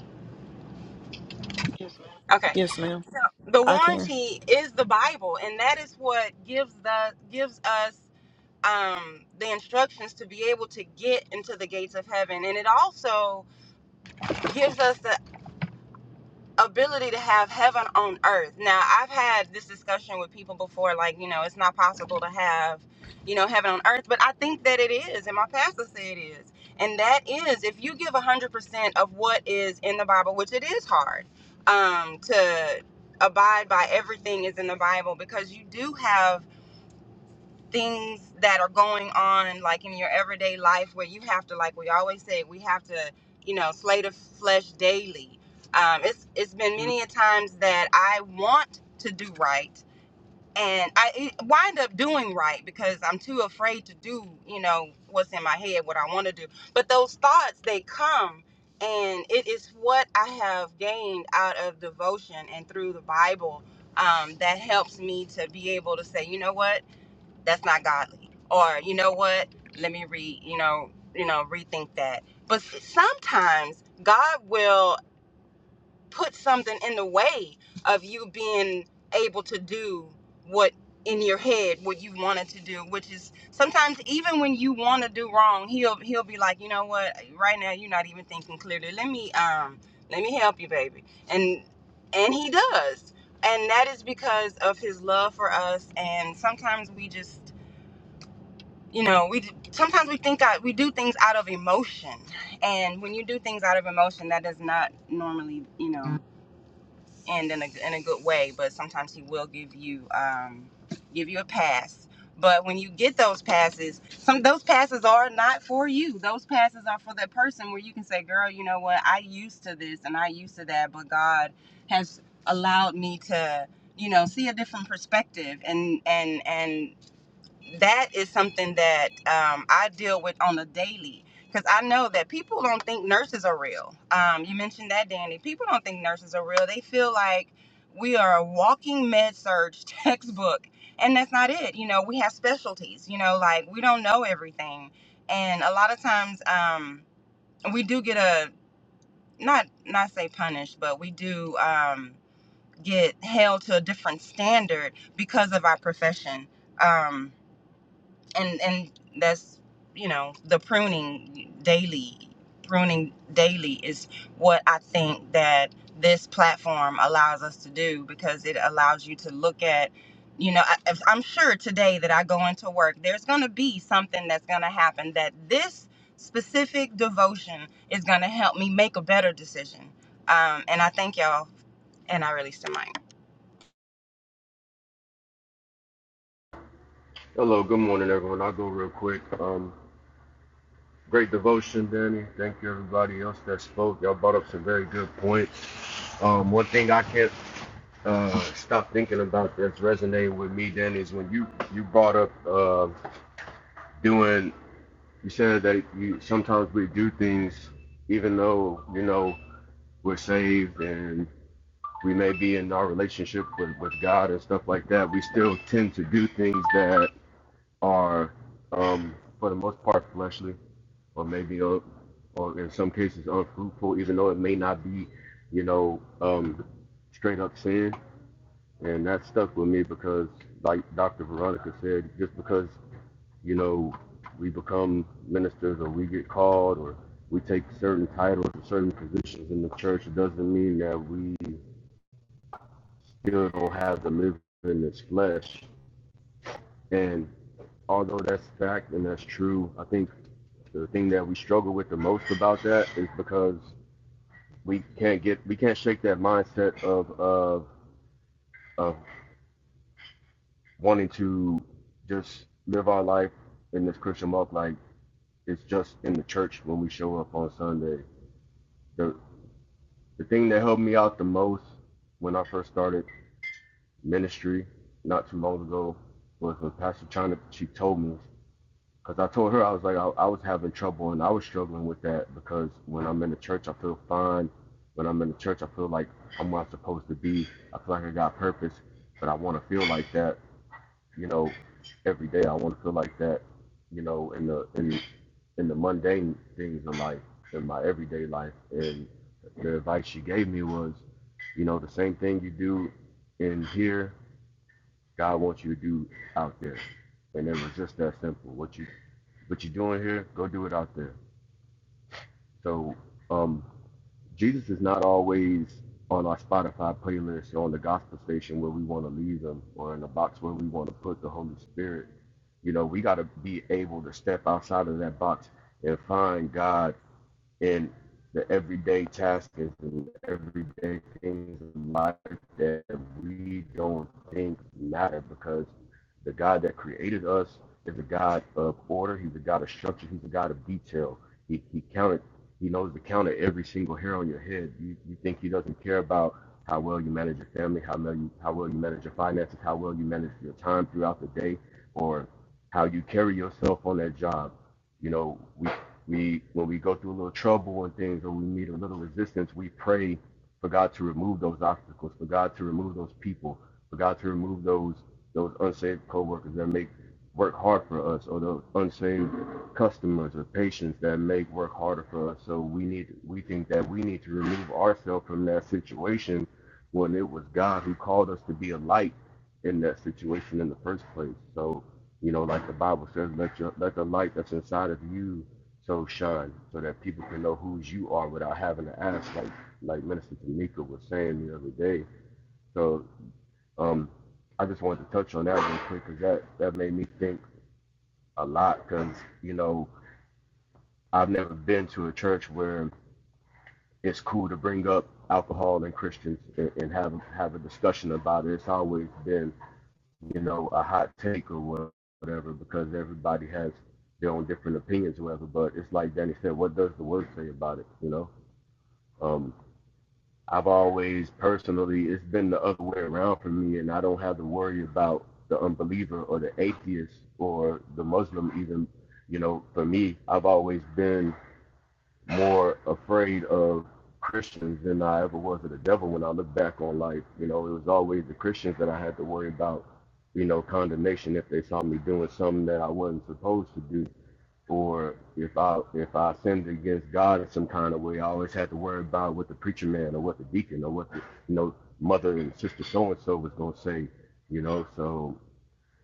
S4: Okay.
S2: Yes, ma'am.
S4: the
S2: I can.
S4: warranty is the Bible, and that is what gives the gives us um, the instructions to be able to get into the gates of heaven, and it also gives us the ability to have heaven on earth. Now, I've had this discussion with people before, like, you know, it's not possible to have, you know, heaven on earth, but I think that it is, and my pastor said it is. And that is, if you give 100% of what is in the Bible, which it is hard um, to abide by everything is in the Bible because you do have things that are going on like in your everyday life where you have to like we always say we have to you know slay the flesh daily um, it's it's been many a times that i want to do right and i it- wind up doing right because i'm too afraid to do you know what's in my head what i want to do but those thoughts they come and it is what i have gained out of devotion and through the bible um, that helps me to be able to say you know what that's not godly or you know what let me re you know you know rethink that but s- sometimes god will put something in the way of you being able to do what in your head what you wanted to do which is sometimes even when you want to do wrong he'll he'll be like you know what right now you're not even thinking clearly let me um let me help you baby and and he does and that is because of his love for us and sometimes we just you know we sometimes we think that we do things out of emotion and when you do things out of emotion that does not normally you know end in a, in a good way but sometimes he will give you um give you a pass but when you get those passes some those passes are not for you those passes are for that person where you can say girl you know what i used to this and i used to that but god has allowed me to you know see a different perspective and and and that is something that um, I deal with on a daily because I know that people don't think nurses are real. Um, you mentioned that, Danny. People don't think nurses are real. They feel like we are a walking med surge *laughs* textbook, and that's not it. You know, we have specialties. You know, like we don't know everything, and a lot of times um, we do get a not not say punished, but we do um, get held to a different standard because of our profession. Um, and and that's you know the pruning daily pruning daily is what i think that this platform allows us to do because it allows you to look at you know I, if- i'm sure today that i go into work there's going to be something that's going to happen that this specific devotion is going to help me make a better decision um, and i thank y'all and i release the mic
S5: Hello, good morning, everyone. I'll go real quick. Um, great devotion, Danny. Thank you, everybody else that spoke. Y'all brought up some very good points. Um, one thing I can't uh, stop thinking about that's resonating with me, Danny, is when you you brought up uh, doing. You said that you sometimes we do things even though you know we're saved and we may be in our relationship with, with God and stuff like that. We still tend to do things that are, um, for the most part, fleshly or maybe uh, or in some cases unfruitful, even though it may not be, you know, um, straight up sin. And that stuck with me because, like Dr. Veronica said, just because, you know, we become ministers or we get called or we take certain titles or certain positions in the church, it doesn't mean that we still don't have the living in this flesh. And although that's fact and that's true, I think the thing that we struggle with the most about that is because we can't get we can't shake that mindset of of of wanting to just live our life in this Christian walk like it's just in the church when we show up on Sunday. The the thing that helped me out the most when I first started ministry not too long ago was when Pastor China she told me Because I told her I was like I, I was having trouble and I was struggling with that because when I'm in the church I feel fine. When I'm in the church I feel like I'm where I'm supposed to be. I feel like I got purpose, but I want to feel like that, you know, every day. I want to feel like that, you know, in the in in the mundane things in life, in my everyday life. And the advice she gave me was, you know, the same thing you do in here, God wants you to do out there. And it was just that simple. What you what you're doing here, go do it out there. So um, Jesus is not always on our Spotify playlist or on the gospel station where we want to leave him or in the box where we want to put the Holy Spirit. You know, we got to be able to step outside of that box and find God in the everyday tasks and everyday things in life that we don't think matter because the God that created us is a God of order. He's a God of structure. He's a God of detail. He, he counted, he knows the count of every single hair on your head. You, you think he doesn't care about how well you manage your family, how well you, how well you manage your finances, how well you manage your time throughout the day, or how you carry yourself on that job. You know, we we when we go through a little trouble and things, or we meet a little resistance, we pray for God to remove those obstacles, for God to remove those people, for God to remove those those unsaved coworkers that make work hard for us, or those unsaved customers or patients that make work harder for us. So we need we think that we need to remove ourselves from that situation when it was God who called us to be a light in that situation in the first place. So you know, like the Bible says, let your let the light that's inside of you so shine so that people can know whose you are without having to ask like like minister tamika was saying the other day so um i just wanted to touch on that real quick because that that made me think a lot because you know i've never been to a church where it's cool to bring up alcohol and christians and, and have have a discussion about it it's always been you know a hot take or whatever because everybody has their own different opinions or whatever but it's like danny said what does the word say about it you know um. I've always personally, it's been the other way around for me, and I don't have to worry about the unbeliever or the atheist or the Muslim, even. You know, for me, I've always been more afraid of Christians than I ever was of the devil when I look back on life. You know, it was always the Christians that I had to worry about, you know, condemnation if they saw me doing something that I wasn't supposed to do or if I if I sinned against God in some kind of way, I always had to worry about what the preacher man or what the deacon or what the you know mother and sister so and so was gonna say, you know. So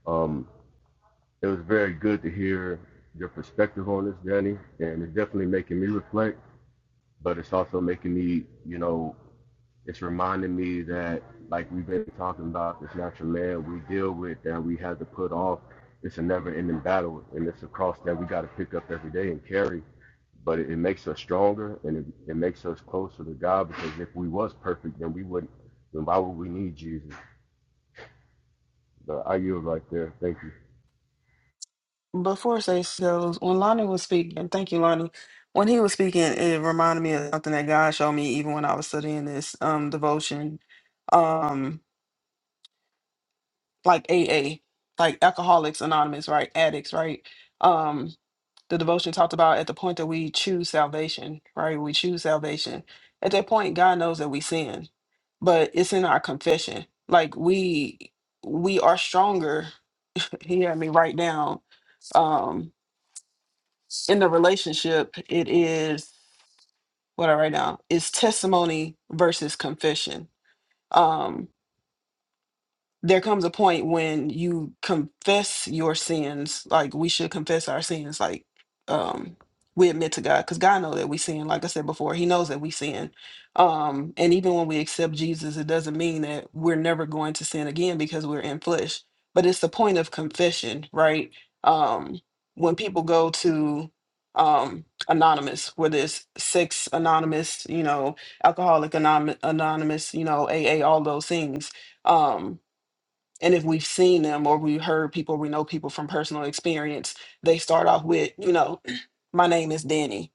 S5: um, it was very good to hear your perspective on this, Danny, and it's definitely making me reflect. But it's also making me, you know, it's reminding me that like we've been talking about this natural man we deal with that we have to put off. It's a never-ending battle, and it's a cross that we got to pick up every day and carry but it, it makes us stronger and it, it makes us closer to God because if we was perfect, then we wouldn't. Then why would we need Jesus? But I yield right there. Thank you.
S2: Before say goes, when Lonnie was speaking, thank you, Lonnie. When he was speaking, it reminded me of something that God showed me even when I was studying this um devotion. Um, like AA, like Alcoholics Anonymous, right? Addicts, right? Um, the devotion talked about at the point that we choose salvation, right? We choose salvation. At that point, God knows that we sin, but it's in our confession. Like we we are stronger. *laughs* he had me write down. Um, in the relationship it is what I write down is testimony versus confession. Um there comes a point when you confess your sins like we should confess our sins like um we admit to god because god knows that we sin like i said before he knows that we sin um and even when we accept jesus it doesn't mean that we're never going to sin again because we're in flesh but it's the point of confession right um when people go to um anonymous whether it's sex anonymous you know alcoholic anonymous anonymous you know aa all those things um and if we've seen them or we've heard people we know people from personal experience they start off with you know *clears throat* my name is danny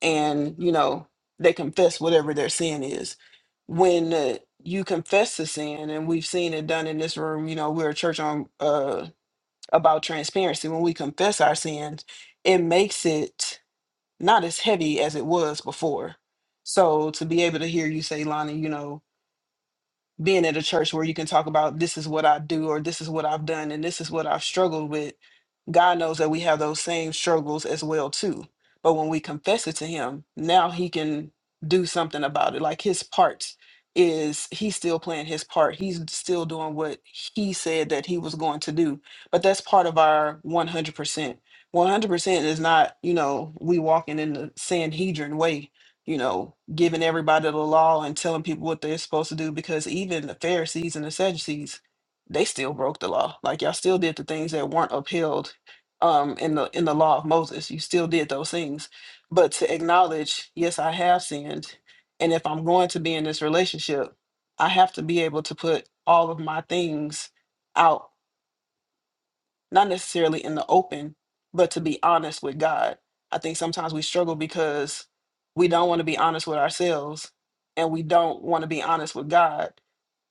S2: and you know they confess whatever their sin is when uh, you confess the sin and we've seen it done in this room you know we're a church on uh about transparency when we confess our sins it makes it not as heavy as it was before so to be able to hear you say lonnie you know being at a church where you can talk about this is what I do or this is what I've done and this is what I've struggled with. God knows that we have those same struggles as well too. But when we confess it to him, now he can do something about it. Like his part is he's still playing his part. He's still doing what he said that he was going to do. But that's part of our 100%. 100% is not, you know, we walking in the Sanhedrin way you know, giving everybody the law and telling people what they're supposed to do because even the Pharisees and the Sadducees, they still broke the law. Like y'all still did the things that weren't upheld um in the in the law of Moses. You still did those things. But to acknowledge, yes, I have sinned. And if I'm going to be in this relationship, I have to be able to put all of my things out not necessarily in the open, but to be honest with God. I think sometimes we struggle because we don't want to be honest with ourselves and we don't want to be honest with God.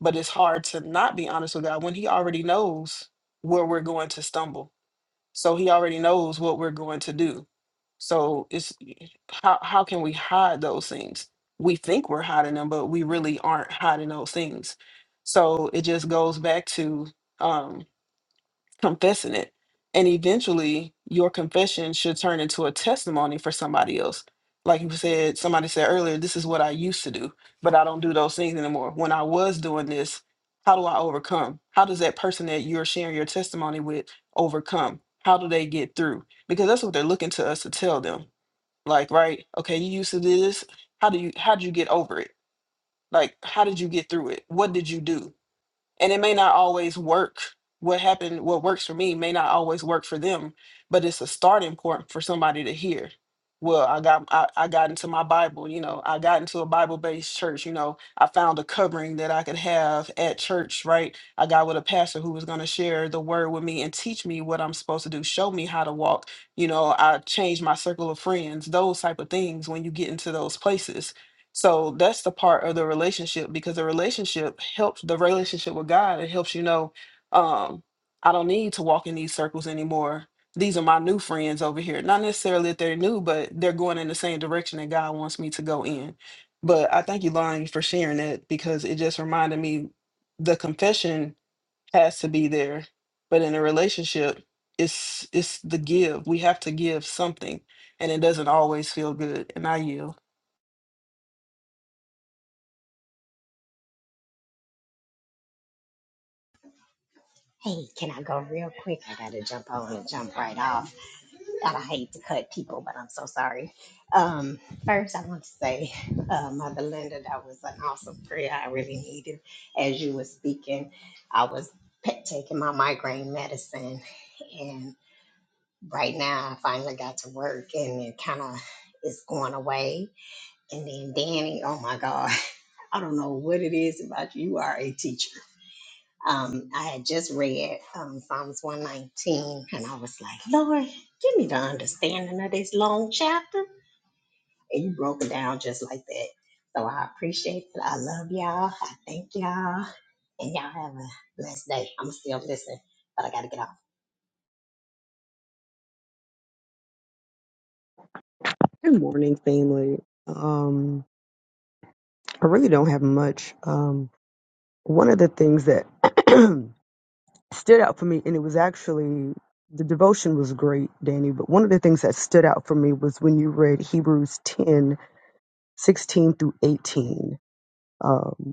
S2: But it's hard to not be honest with God when He already knows where we're going to stumble. So He already knows what we're going to do. So it's how how can we hide those things? We think we're hiding them, but we really aren't hiding those things. So it just goes back to um confessing it. And eventually, your confession should turn into a testimony for somebody else. Like you said, somebody said earlier, this is what I used to do, but I don't do those things anymore. When I was doing this, how do I overcome? How does that person that you're sharing your testimony with overcome? How do they get through? Because that's what they're looking to us to tell them. Like, right, okay, you used to do this. How do you how did you get over it? Like, how did you get through it? What did you do? and it may not always work what happened what works for me may not always work for them but it's a starting point for somebody to hear well i got i, I got into my bible you know i got into a bible based church you know i found a covering that i could have at church right i got with a pastor who was going to share the word with me and teach me what i'm supposed to do show me how to walk you know i changed my circle of friends those type of things when you get into those places so that's the part of the relationship because the relationship helps the relationship with God. It helps you know, um, I don't need to walk in these circles anymore. These are my new friends over here. Not necessarily that they're new, but they're going in the same direction that God wants me to go in. But I thank you, Lonnie, for sharing that because it just reminded me the confession has to be there. But in a relationship, it's it's the give. We have to give something, and it doesn't always feel good. And I yield.
S6: Hey, can I go real quick? I gotta jump on and jump right off. God, I hate to cut people, but I'm so sorry. Um, first, I want to say, uh, Mother Linda, that was an awesome prayer. I really needed as you were speaking. I was pe- taking my migraine medicine, and right now I finally got to work, and it kind of is going away. And then Danny, oh my God, *laughs* I don't know what it is about you. You are a teacher. Um, I had just read um, Psalms 119 and I was like, Lord, give me the understanding of this long chapter. And you broke it down just like that. So I appreciate it. I love y'all. I thank y'all. And y'all have a blessed day. I'm still listening, but I got to get off.
S7: Good morning, family. Um, I really don't have much. Um, one of the things that *clears throat* stood out for me, and it was actually the devotion was great, Danny, but one of the things that stood out for me was when you read Hebrews 10 16 through 18, um,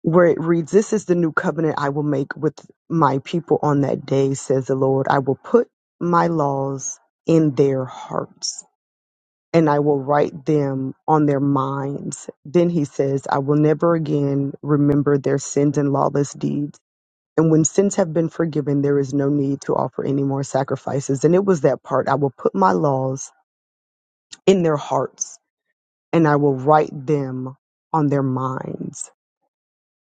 S7: where it reads, This is the new covenant I will make with my people on that day, says the Lord. I will put my laws in their hearts and I will write them on their minds. Then he says, I will never again remember their sins and lawless deeds. And when sins have been forgiven, there is no need to offer any more sacrifices. And it was that part I will put my laws in their hearts and I will write them on their minds.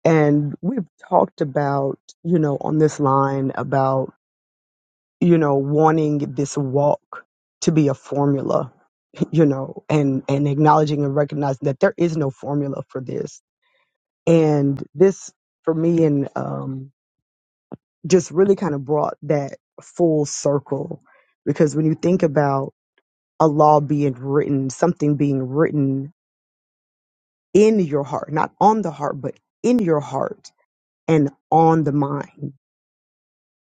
S7: And we've talked about, you know, on this line about, you know, wanting this walk to be a formula you know, and and acknowledging and recognizing that there is no formula for this. And this for me and um just really kind of brought that full circle because when you think about a law being written, something being written in your heart, not on the heart, but in your heart and on the mind,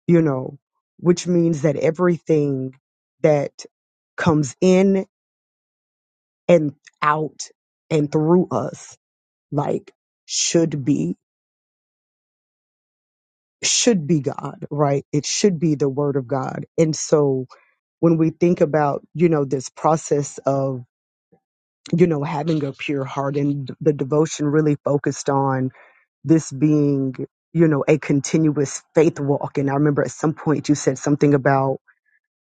S7: you know, which means that everything that comes in and out and through us, like should be should be God, right? It should be the word of God. And so when we think about, you know, this process of, you know, having a pure heart and the devotion really focused on this being, you know, a continuous faith walk. And I remember at some point you said something about,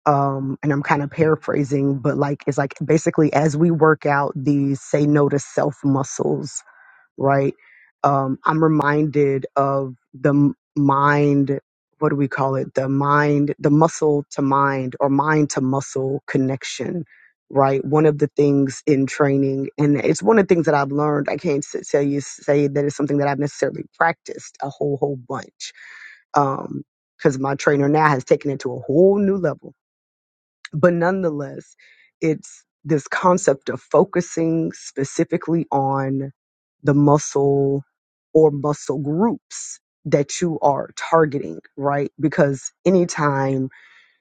S7: um, and I'm kind of paraphrasing, but like, it's like basically as we work out these say no to self muscles, right? Um, I'm reminded of the m- mind, what do we call it? The mind, the muscle to mind or mind to muscle connection, right? One of the things in training, and it's one of the things that I've learned. I can't s- tell you, say that it's something that I've necessarily practiced a whole, whole bunch. Um, because my trainer now has taken it to a whole new level but nonetheless, it's this concept of focusing specifically on the muscle or muscle groups that you are targeting, right? Because anytime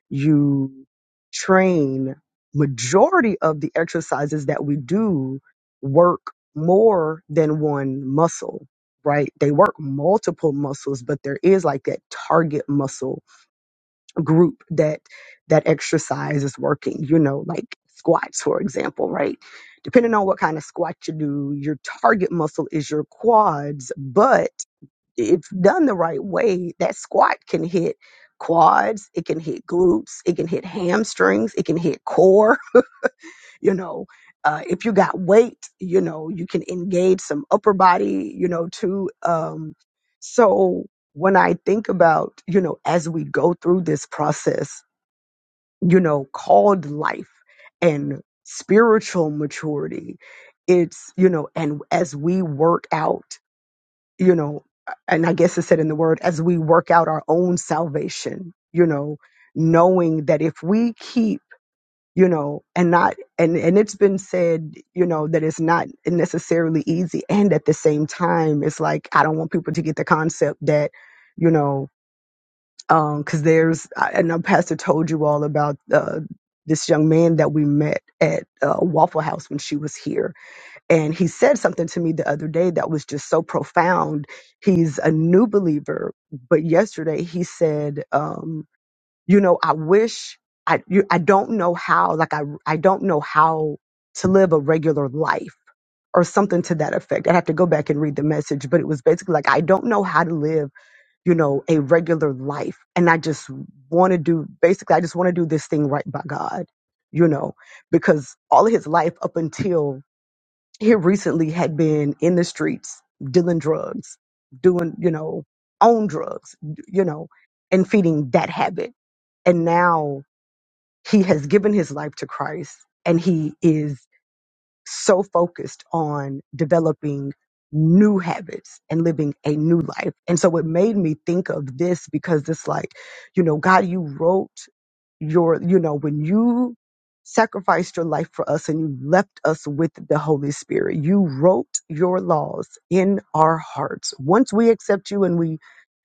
S7: you train, majority of the exercises that we do work more than one muscle, right? They work multiple muscles, but there is like that target muscle group that that exercise is working you know like squats for example right depending on what kind of squat you do your target muscle is your quads but if done the right way that squat can hit quads it can hit glutes it can hit hamstrings it can hit core *laughs* you know uh, if you got weight you know you can engage some upper body you know too um so when i think about you know as we go through this process you know, called life and spiritual maturity. It's, you know, and as we work out, you know, and I guess it said in the word, as we work out our own salvation, you know, knowing that if we keep, you know, and not, and, and it's been said, you know, that it's not necessarily easy. And at the same time, it's like, I don't want people to get the concept that, you know, um, Cause there's I, I know pastor told you all about uh, this young man that we met at uh, waffle house when she was here and he said something to me the other day that was just so profound he's a new believer but yesterday he said um, you know i wish i you, i don't know how like i i don't know how to live a regular life or something to that effect. I'd have to go back and read the message, but it was basically like, I don't know how to live you know, a regular life. And I just want to do, basically, I just want to do this thing right by God, you know, because all of his life up until he recently had been in the streets dealing drugs, doing, you know, own drugs, you know, and feeding that habit. And now he has given his life to Christ and he is so focused on developing new habits and living a new life. And so it made me think of this because it's like, you know, God, you wrote your, you know, when you sacrificed your life for us and you left us with the Holy Spirit, you wrote your laws in our hearts. Once we accept you and we,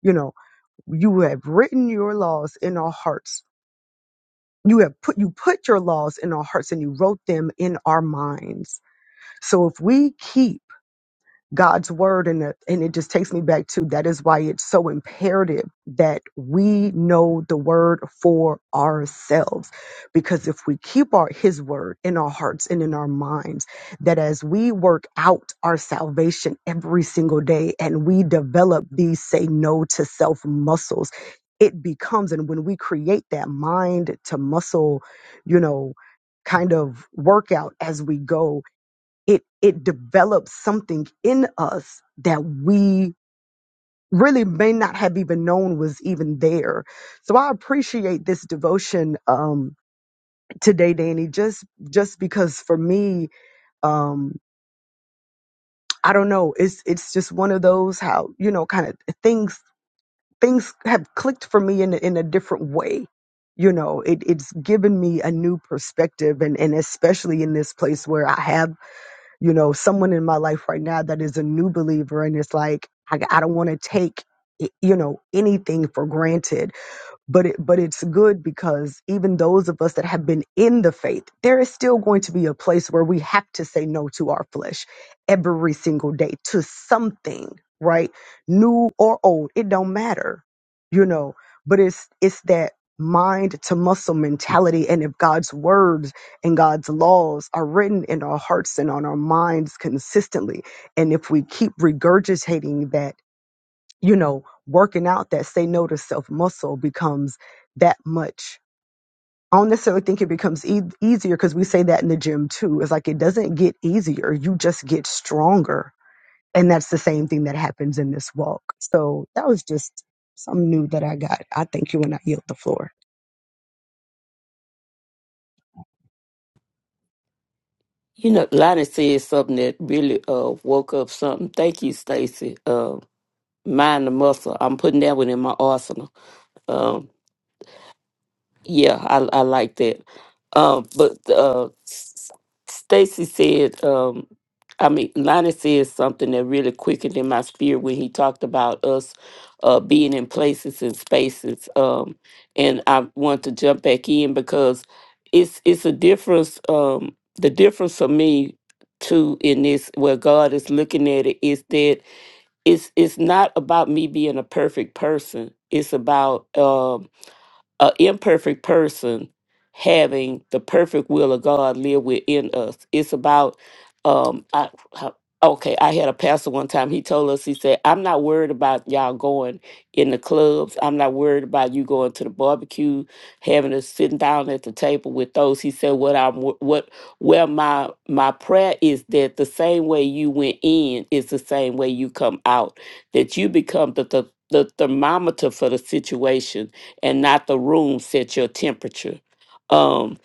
S7: you know, you have written your laws in our hearts. You have put you put your laws in our hearts and you wrote them in our minds. So if we keep God's word and it, and it just takes me back to that is why it's so imperative that we know the word for ourselves. Because if we keep our his word in our hearts and in our minds, that as we work out our salvation every single day and we develop these say no to self muscles, it becomes and when we create that mind to muscle, you know, kind of workout as we go it it develops something in us that we really may not have even known was even there so i appreciate this devotion um today danny just just because for me um i don't know it's it's just one of those how you know kind of things things have clicked for me in a- in a different way you know it, it's given me a new perspective and and especially in this place where i have you know, someone in my life right now that is a new believer and it's like, I, I don't want to take, you know, anything for granted but it, but it's good because even those of us that have been in the faith, there is still going to be a place where we have to say no to our flesh every single day to something, right? New or old, it don't matter, you know. But it's it's that mind to muscle mentality, and if God's words and God's laws are written in our hearts and on our minds consistently, and if we keep regurgitating that you know, working out that say no to self muscle becomes that much. I don't necessarily think it becomes e- easier because we say that in the gym too. It's like it doesn't get easier, you just get stronger. And that's the same thing that happens in this walk. So that was just something new that I got. I thank you and I yield the floor.
S1: You know, Lonnie said something that really uh woke up something. Thank you, Stacy. Uh, mind the muscle. I'm putting that one in my arsenal. Yeah, I I like that. Um, but uh, S- Stacy said, um, I mean, Lonnie said something that really quickened in my spirit when he talked about us uh, being in places and spaces. Um, and I want to jump back in because it's it's a difference. Um, the difference for me too in this where God is looking at it is that it's it's not about me being a perfect person. It's about um, an imperfect person having the perfect will of God live within us. It's about, um, I, I- okay, I had a pastor one time. He told us, he said, I'm not worried about y'all going in the clubs. I'm not worried about you going to the barbecue, having us sitting down at the table with those. He said, what I'm, wo- what, well, my, my prayer is that the same way you went in is the same way you come out, that you become the, the, the thermometer for the situation and not the room set your temperature. Um,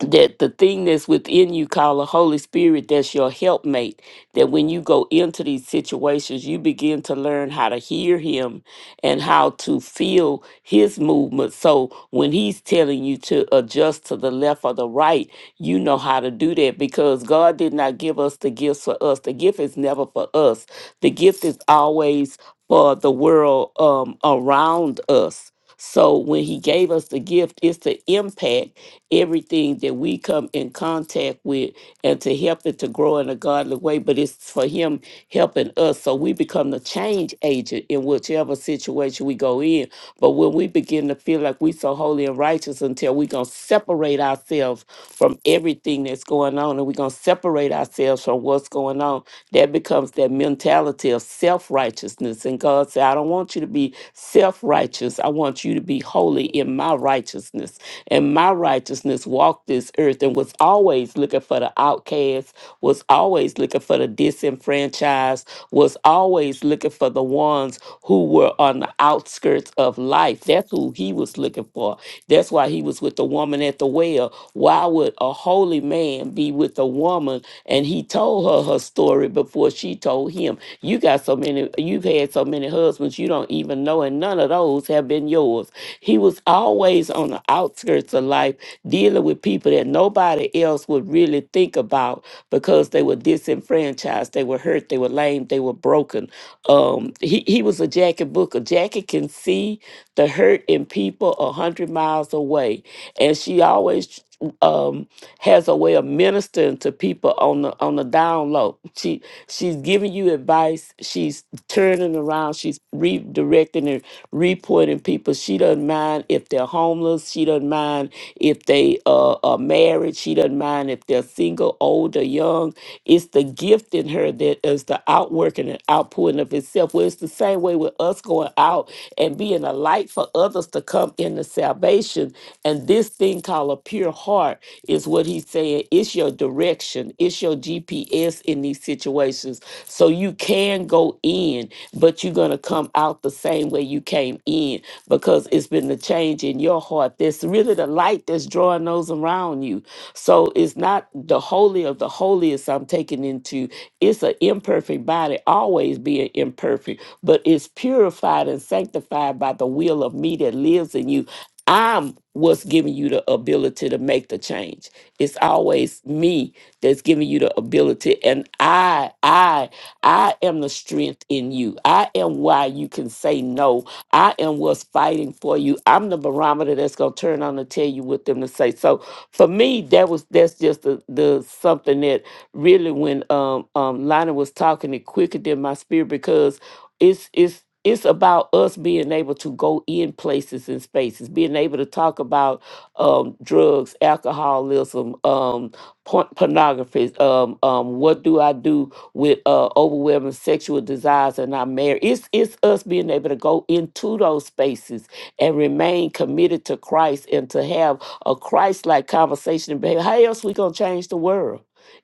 S1: that the thing that's within you called the Holy Spirit, that's your helpmate, that when you go into these situations, you begin to learn how to hear him and how to feel his movement. So when he's telling you to adjust to the left or the right, you know how to do that because God did not give us the gifts for us. The gift is never for us. The gift is always for the world um, around us. So when he gave us the gift, it's to impact everything that we come in contact with and to help it to grow in a godly way, but it's for Him helping us. So we become the change agent in whichever situation we go in. But when we begin to feel like we so holy and righteous until we're going to separate ourselves from everything that's going on and we're going to separate ourselves from what's going on, that becomes that mentality of self righteousness. And God said, I don't want you to be self righteous. I want you to be holy in my righteousness righteousness, and my righteousness walked this earth and was always looking for the outcast, was always looking for the disenfranchised, was always looking for the ones who were on the outskirts of life. That's who he was looking for. That's why he was with the woman at the well. Why would a holy man be with a woman and he told her her story before she told him? You got so many, you've had so many husbands you don't even know, and none of those have been yours. He was always on the outskirts of life, dealing with people that nobody else would really think about because they were disenfranchised, they were hurt, they were lame, they were broken. Um, he, he was a Jackie Booker. Jackie can see the hurt in people a hundred miles away, and she always um has a way of ministering to people on the on the down low. She she's giving you advice, she's turning around, she's redirecting and reporting people. She doesn't mind if they're homeless. She doesn't mind if they uh, are married. She doesn't mind if they're single, old or young it's the gift in her that is the outworking and outpouring of itself. Well, it's the same way with us going out and being a light for others to come into salvation. And this thing called a pure heart is what he's saying. It's your direction, it's your GPS in these situations. So you can go in, but you're going to come out the same way you came in because it's been the change in your heart. That's really the light that's drawing those around you. So it's not the holy of the holiest place I'm taken into, it's an imperfect body, always being imperfect, but it's purified and sanctified by the will of me that lives in you. I'm what's giving you the ability to make the change. It's always me that's giving you the ability. And I, I, I am the strength in you. I am why you can say no. I am what's fighting for you. I'm the barometer that's gonna turn on and tell you what them to say. So for me, that was that's just the, the something that really when um um Lana was talking, it quickened in my spirit because it's it's it's about us being able to go in places and spaces, being able to talk about um, drugs, alcoholism, um, porn- pornography. Um, um, what do I do with uh, overwhelming sexual desires and our marriage? It's it's us being able to go into those spaces and remain committed to Christ and to have a Christ-like conversation. and behavior. How else we gonna change the world?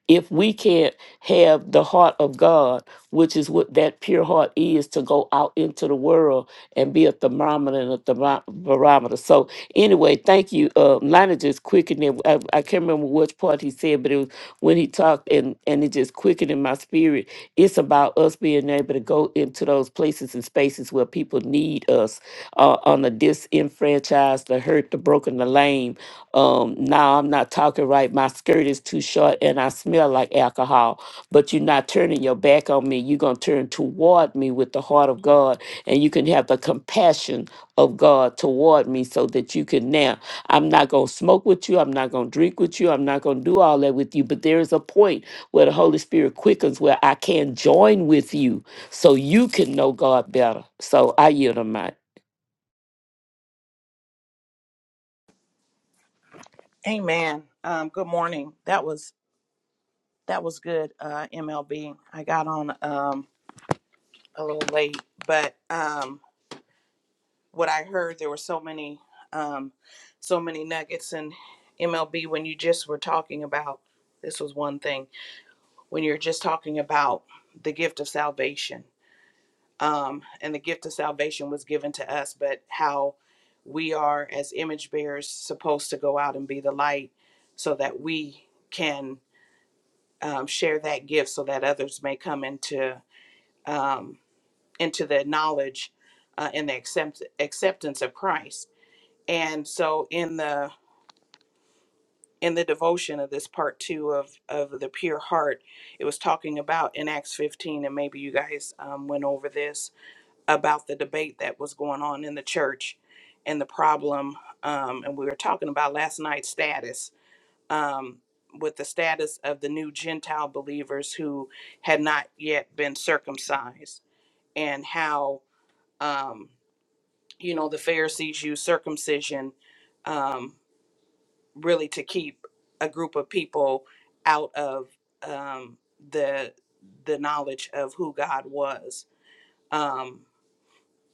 S1: if we can't have the heart of God, which is what that pure heart is, to go out into the world and be a thermometer and a thermo- barometer. So anyway, thank you. Uh, Lana just quickened it. I, I can't remember which part he said, but it was when he talked and, and it just quickened in my spirit. It's about us being able to go into those places and spaces where people need us uh, on the disenfranchised, the hurt, the broken, the lame um now i'm not talking right my skirt is too short and i smell like alcohol but you're not turning your back on me you're going to turn toward me with the heart of god and you can have the compassion of god toward me so that you can now i'm not going to smoke with you i'm not going to drink with you i'm not going to do all that with you but there is a point where the holy spirit quickens where i can join with you so you can know god better so i yield on my
S8: Amen. Um, good morning. That was that was good, uh, MLB. I got on um, a little late, but um, what I heard there were so many um, so many nuggets in MLB when you just were talking about this was one thing when you're just talking about the gift of salvation um, and the gift of salvation was given to us, but how we are as image bearers supposed to go out and be the light so that we can um, share that gift so that others may come into um, into the knowledge uh, and the accept- acceptance of Christ. And so in the in the devotion of this part two of of the pure heart, it was talking about in Acts 15, and maybe you guys um, went over this about the debate that was going on in the church and the problem. Um, and we were talking about last night's status um, with the status of the new Gentile believers who had not yet been circumcised, and how um, you know the Pharisees used circumcision um, really to keep a group of people out of um, the the knowledge of who God was. Um,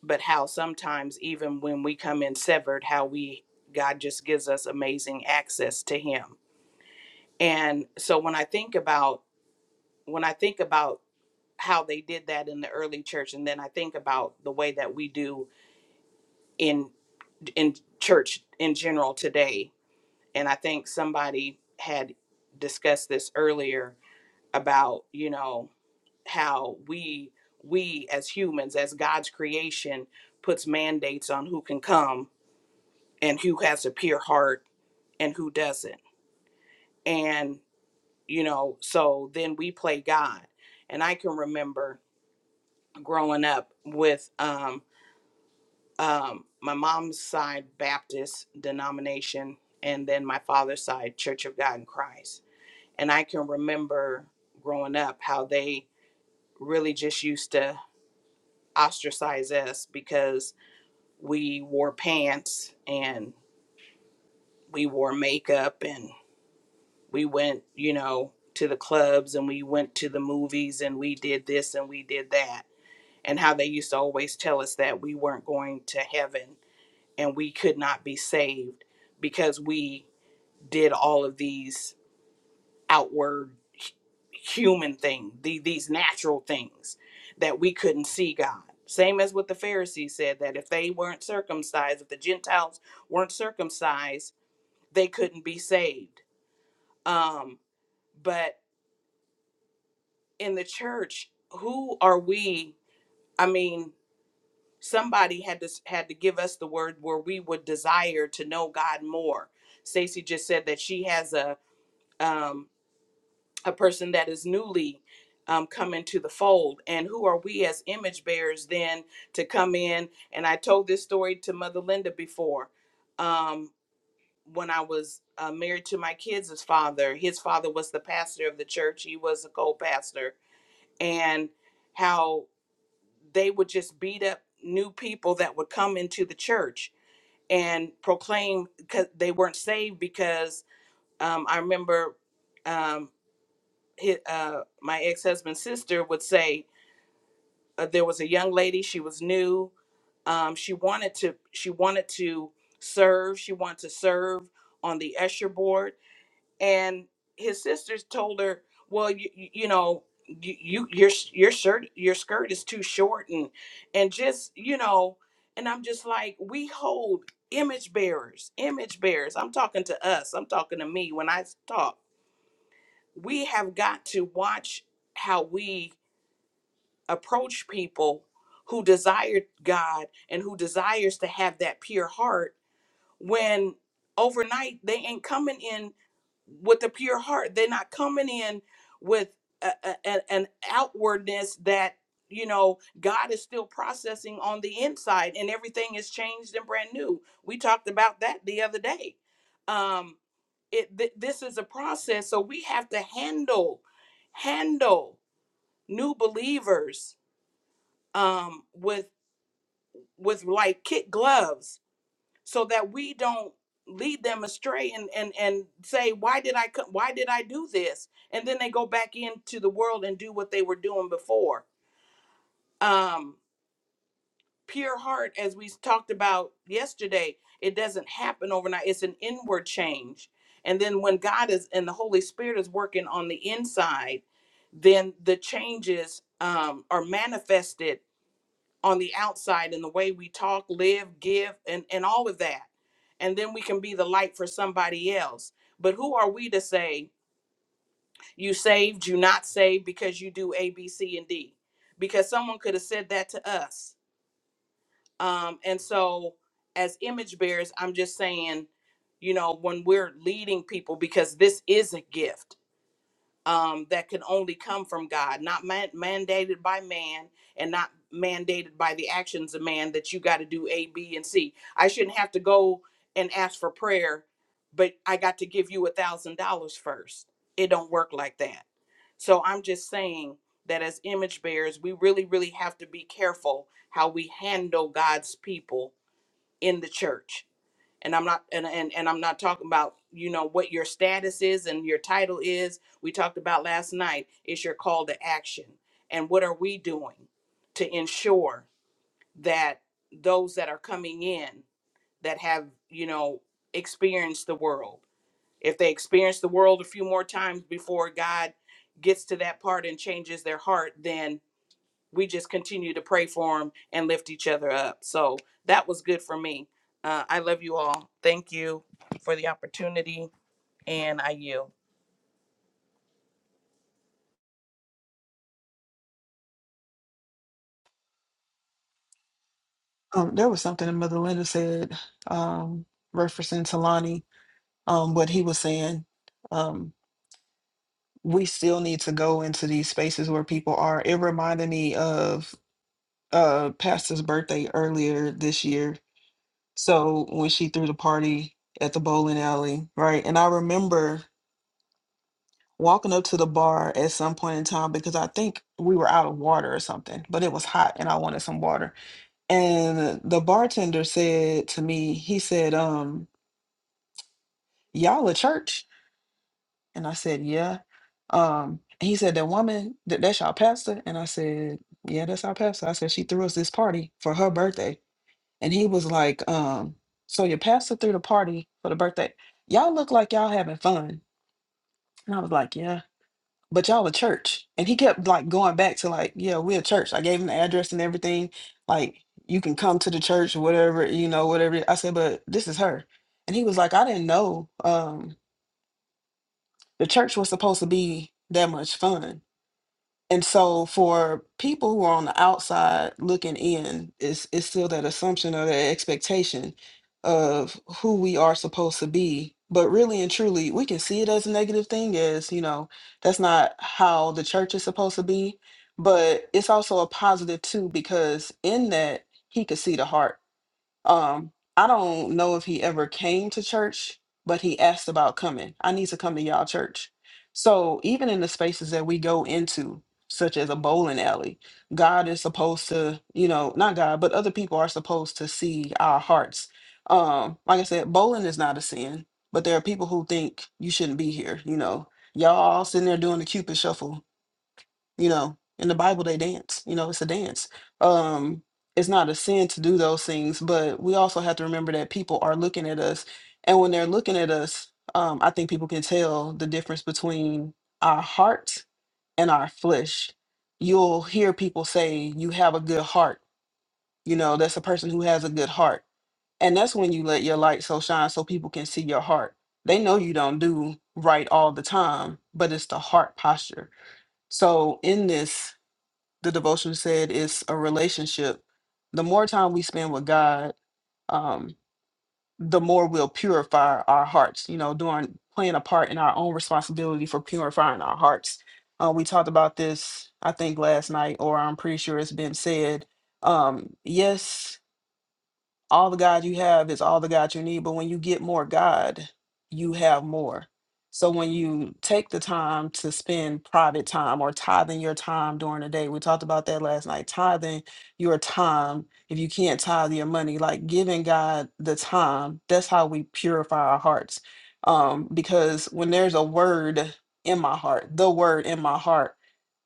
S8: but how sometimes even when we come in severed, how we God just gives us amazing access to Him. And so when I think about when I think about how they did that in the early church, and then I think about the way that we do in in church in general today, and I think somebody had discussed this earlier about you know how we we as humans as God's creation puts mandates on who can come and who has a pure heart and who doesn't, and you know so then we play God, and I can remember growing up with um um, my mom's side Baptist denomination, and then my father's side Church of God in Christ. And I can remember growing up how they really just used to ostracize us because we wore pants and we wore makeup and we went, you know, to the clubs and we went to the movies and we did this and we did that. And how they used to always tell us that we weren't going to heaven and we could not be saved because we did all of these outward hu- human things, the, these natural things that we couldn't see God. Same as what the Pharisees said that if they weren't circumcised, if the Gentiles weren't circumcised, they couldn't be saved. Um, but in the church, who are we? I mean, somebody had to had to give us the word where we would desire to know God more. Stacy just said that she has a um, a person that is newly um, come into the fold. And who are we as image bearers then to come in? And I told this story to Mother Linda before. Um, when I was uh, married to my kids' father, his father was the pastor of the church, he was a co pastor, and how they would just beat up new people that would come into the church and proclaim because they weren't saved because um, I remember. Um, his, uh, my ex-husband's sister would say uh, there was a young lady she was new um, she wanted to she wanted to serve she wanted to serve on the usher board and his sisters told her well you, you you know you, you your sh- your shirt your skirt is too short and and just you know and i'm just like we hold image bearers image bearers i'm talking to us i'm talking to me when i talk we have got to watch how we approach people who desire God and who desires to have that pure heart when overnight they ain't coming in with a pure heart. They're not coming in with a, a- a- an outwardness that you know God is still processing on the inside and everything is changed and brand new. We talked about that the other day. Um it th- this is a process so we have to handle handle new believers um, with with like kid gloves so that we don't lead them astray and and and say why did I co- why did I do this and then they go back into the world and do what they were doing before um pure heart as we talked about yesterday it doesn't happen overnight it's an inward change and then when God is and the Holy Spirit is working on the inside then the changes um, are manifested on the outside in the way we talk, live, give, and, and all of that. And then we can be the light for somebody else. But who are we to say, you saved, you not saved because you do A, B, C, and D? Because someone could have said that to us. Um, and so, as image bearers, I'm just saying, you know, when we're leading people, because this is a gift um, that can only come from God, not man- mandated by man and not mandated by the actions of man that you got to do A, B, and C. I shouldn't have to go and ask for prayer, but I got to give you a thousand dollars first. It don't work like that. So I'm just saying that as image bearers, we really, really have to be careful how we handle God's people in the church and i'm not and, and and i'm not talking about you know what your status is and your title is we talked about last night It's your call to action and what are we doing to ensure that those that are coming in that have you know experienced the world if they experience the world a few more times before god gets to that part and changes their heart then we just continue to pray for them and lift each other up. So that was good for me. Uh, I love you all. Thank you for the opportunity, and I yield.
S2: Um, there was something that Mother Linda said, um, referencing Talani, um, what he was saying. Um, we still need to go into these spaces where people are. It reminded me of uh Pastor's birthday earlier this year. So when she threw the party at the bowling alley, right? And I remember walking up to the bar at some point in time because I think we were out of water or something, but it was hot and I wanted some water. And the bartender said to me, he said, um, y'all a church? And I said, yeah. Um, and he said, that woman, that, that's y'all pastor? And I said, yeah, that's our pastor. I said, she threw us this party for her birthday. And he was like, um, so your pastor threw the party for the birthday. Y'all look like y'all having fun. And I was like, yeah, but y'all a church. And he kept like going back to like, yeah, we're a church. I gave him the address and everything. Like, you can come to the church, whatever, you know, whatever. I said, but this is her. And he was like, I didn't know. Um, the church was supposed to be that much fun. And so for people who are on the outside looking in, it's it's still that assumption or that expectation of who we are supposed to be. But really and truly, we can see it as a negative thing as, you know, that's not how the church is supposed to be. But it's also a positive too, because in that he could see the heart um, I don't know if he ever came to church, but he asked about coming. I need to come to y'all church. So even in the spaces that we go into, such as a bowling alley, God is supposed to, you know, not God, but other people are supposed to see our hearts. Um, like I said, bowling is not a sin, but there are people who think you shouldn't be here, you know. Y'all all sitting there doing the cupid shuffle you know in the bible they dance you know it's a dance um it's not a sin to do those things but we also have to remember that people are looking at us and when they're looking at us um i think people can tell the difference between our heart and our flesh you'll hear people say you have a good heart you know that's a person who has a good heart and that's when you let your light so shine so people can see your heart they know you don't do right all the time but it's the heart posture so in this the devotion said it's a relationship. The more time we spend with God, um, the more we'll purify our hearts, you know, doing playing a part in our own responsibility for purifying our hearts. Uh, we talked about this, I think, last night, or I'm pretty sure it's been said. Um, yes, all the God you have is all the God you need. But when you get more God, you have more. So when you take the time to spend private time or tithing your time during the day, we talked about that last night. Tithing your time, if you can't tithe your money, like giving God the time, that's how we purify our hearts. Um, because when there's a word in my heart, the word in my heart,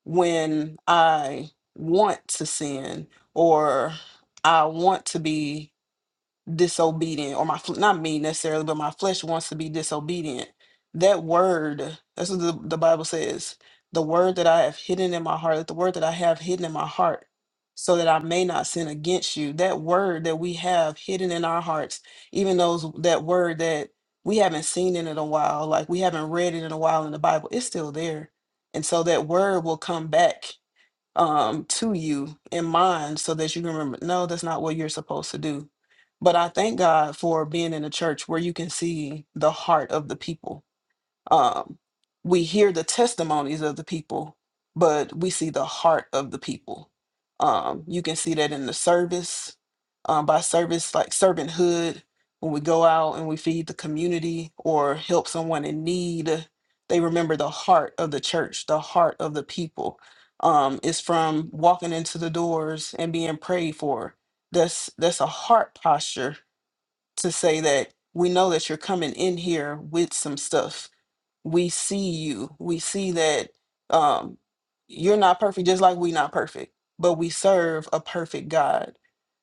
S2: when I want to sin or I want to be disobedient or my fl- not me necessarily but my flesh wants to be disobedient that word that's what the, the bible says the word that i have hidden in my heart that the word that i have hidden in my heart so that i may not sin against you that word that we have hidden in our hearts even those that word that we haven't seen it in a while like we haven't read it in a while in the bible it's still there and so that word will come back um, to you in mind so that you can remember, no, that's not what you're supposed to do. But I thank God for being in a church where you can see the heart of the people um, we hear the testimonies of the people, but we see the heart of the people. Um, you can see that in the service, um, by service like servanthood, when we go out and we feed the community or help someone in need, they remember the heart of the church, the heart of the people. Um, is from walking into the doors and being prayed for. That's that's a heart posture to say that we know that you're coming in here with some stuff we see you. We see that um, you're not perfect, just like we not perfect, but we serve a perfect God.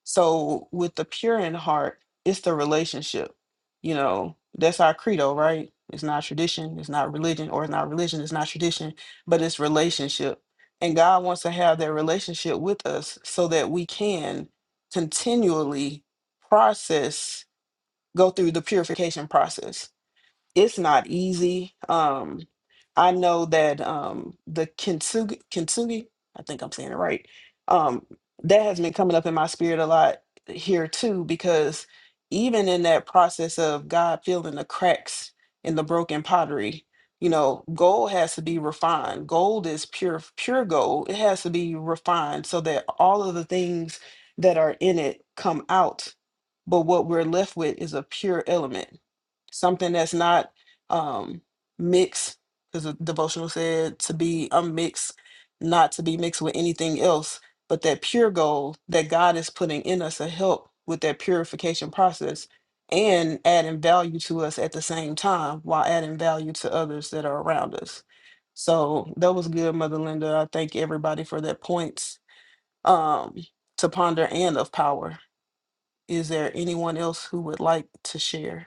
S2: So with the pure in heart, it's the relationship. You know, that's our credo, right? It's not tradition, it's not religion, or it's not religion, it's not tradition, but it's relationship. And God wants to have that relationship with us so that we can continually process, go through the purification process it's not easy. Um, I know that um, the kintsugi, kintsugi, I think I'm saying it right. Um, that has been coming up in my spirit a lot here too, because even in that process of God filling the cracks in the broken pottery, you know, gold has to be refined. Gold is pure, pure gold. It has to be refined so that all of the things that are in it come out. But what we're left with is a pure element something that's not um mixed because the devotional said to be unmixed not to be mixed with anything else but that pure gold that god is putting in us to help with that purification process and adding value to us at the same time while adding value to others that are around us so that was good mother linda i thank everybody for their points um to ponder and of power is there anyone else who would like to share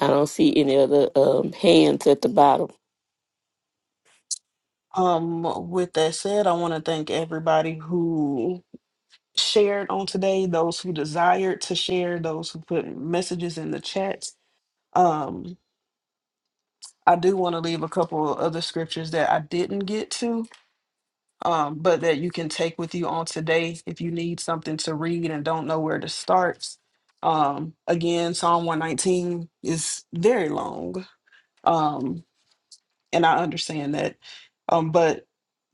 S1: i don't see any other um, hands at the bottom
S2: Um, with that said, I want to thank everybody who shared on today, those who desired to share, those who put messages in the chats. Um, I do want to leave a couple of other scriptures that I didn't get to, um, but that you can take with you on today if you need something to read and don't know where to start. Um, again, Psalm 119 is very long. Um, and I understand that. Um, but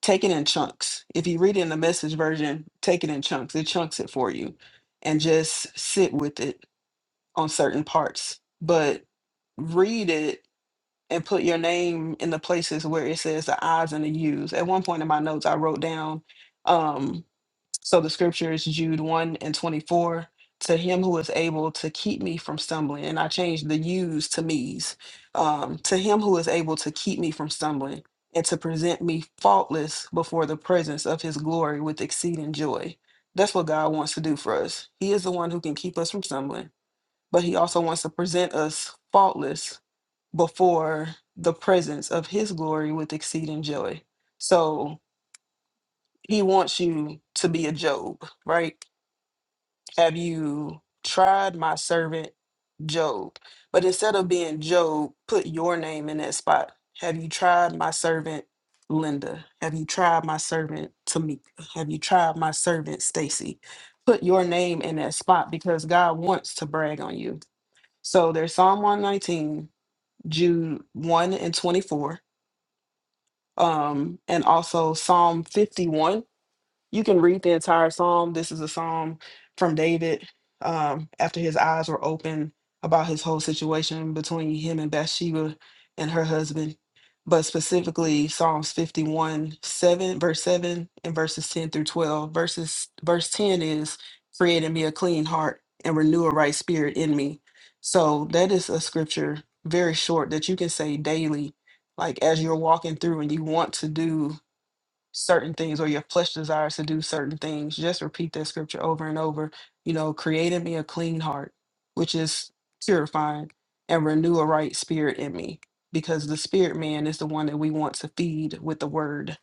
S2: take it in chunks. If you read it in the message version, take it in chunks. It chunks it for you and just sit with it on certain parts. But read it and put your name in the places where it says the I's and the U's. At one point in my notes, I wrote down, um, so the scripture is Jude 1 and 24. To him who is able to keep me from stumbling, and I changed the yous to me's. Um, to him who is able to keep me from stumbling and to present me faultless before the presence of his glory with exceeding joy. That's what God wants to do for us. He is the one who can keep us from stumbling, but he also wants to present us faultless before the presence of his glory with exceeding joy. So he wants you to be a Job, right? Have you tried my servant Job? But instead of being Job, put your name in that spot. Have you tried my servant Linda? Have you tried my servant Tamika? Have you tried my servant Stacy? Put your name in that spot because God wants to brag on you. So there's Psalm 119, Jude 1 and 24, um, and also Psalm 51 you can read the entire psalm. This is a psalm from David um, after his eyes were open about his whole situation between him and Bathsheba and her husband, but specifically Psalms 51, 7, verse 7, and verses 10 through 12. Verses, verse 10 is, Create in me a clean heart and renew a right spirit in me. So that is a scripture very short that you can say daily like as you're walking through and you want to do certain things or your flesh desires to do certain things just repeat that scripture over and over you know create in me a clean heart which is purifying and renew a right spirit in me because the spirit man is the one that we want to feed with the word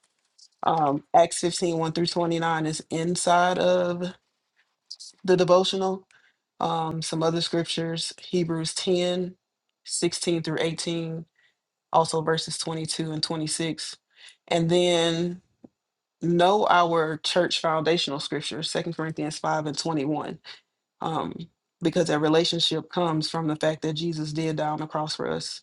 S2: um acts fifteen one through 29 is inside of the devotional um some other scriptures hebrews 10 16 through 18 also verses 22 and 26 and then know our church foundational scripture, Second Corinthians 5 and 21, um, because that relationship comes from the fact that Jesus did die on the cross for us.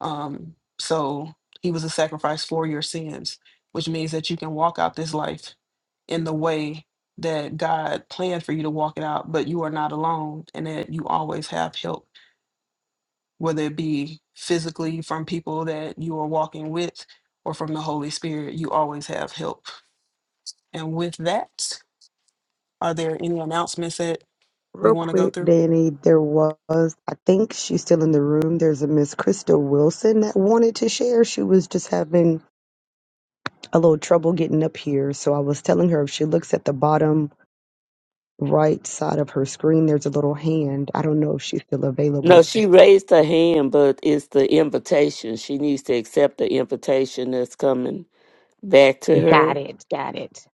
S2: Um, so he was a sacrifice for your sins, which means that you can walk out this life in the way that God planned for you to walk it out, but you are not alone and that you always have help, whether it be physically from people that you are walking with or from the Holy Spirit, you always have help. And with that, Are there any announcements that we
S7: Real
S2: want to go
S7: quick,
S2: through?
S7: Danny, there was, I think she's still in the room. There's a Miss Crystal Wilson that wanted to share. She was just having a little trouble getting up here. So I was telling her if she looks at the bottom right side of her screen, there's a little hand. I don't know if she's still available.
S1: No, she raised her hand, but it's the invitation. She needs to accept the invitation that's coming back to
S7: Got
S1: her.
S7: it. Got it.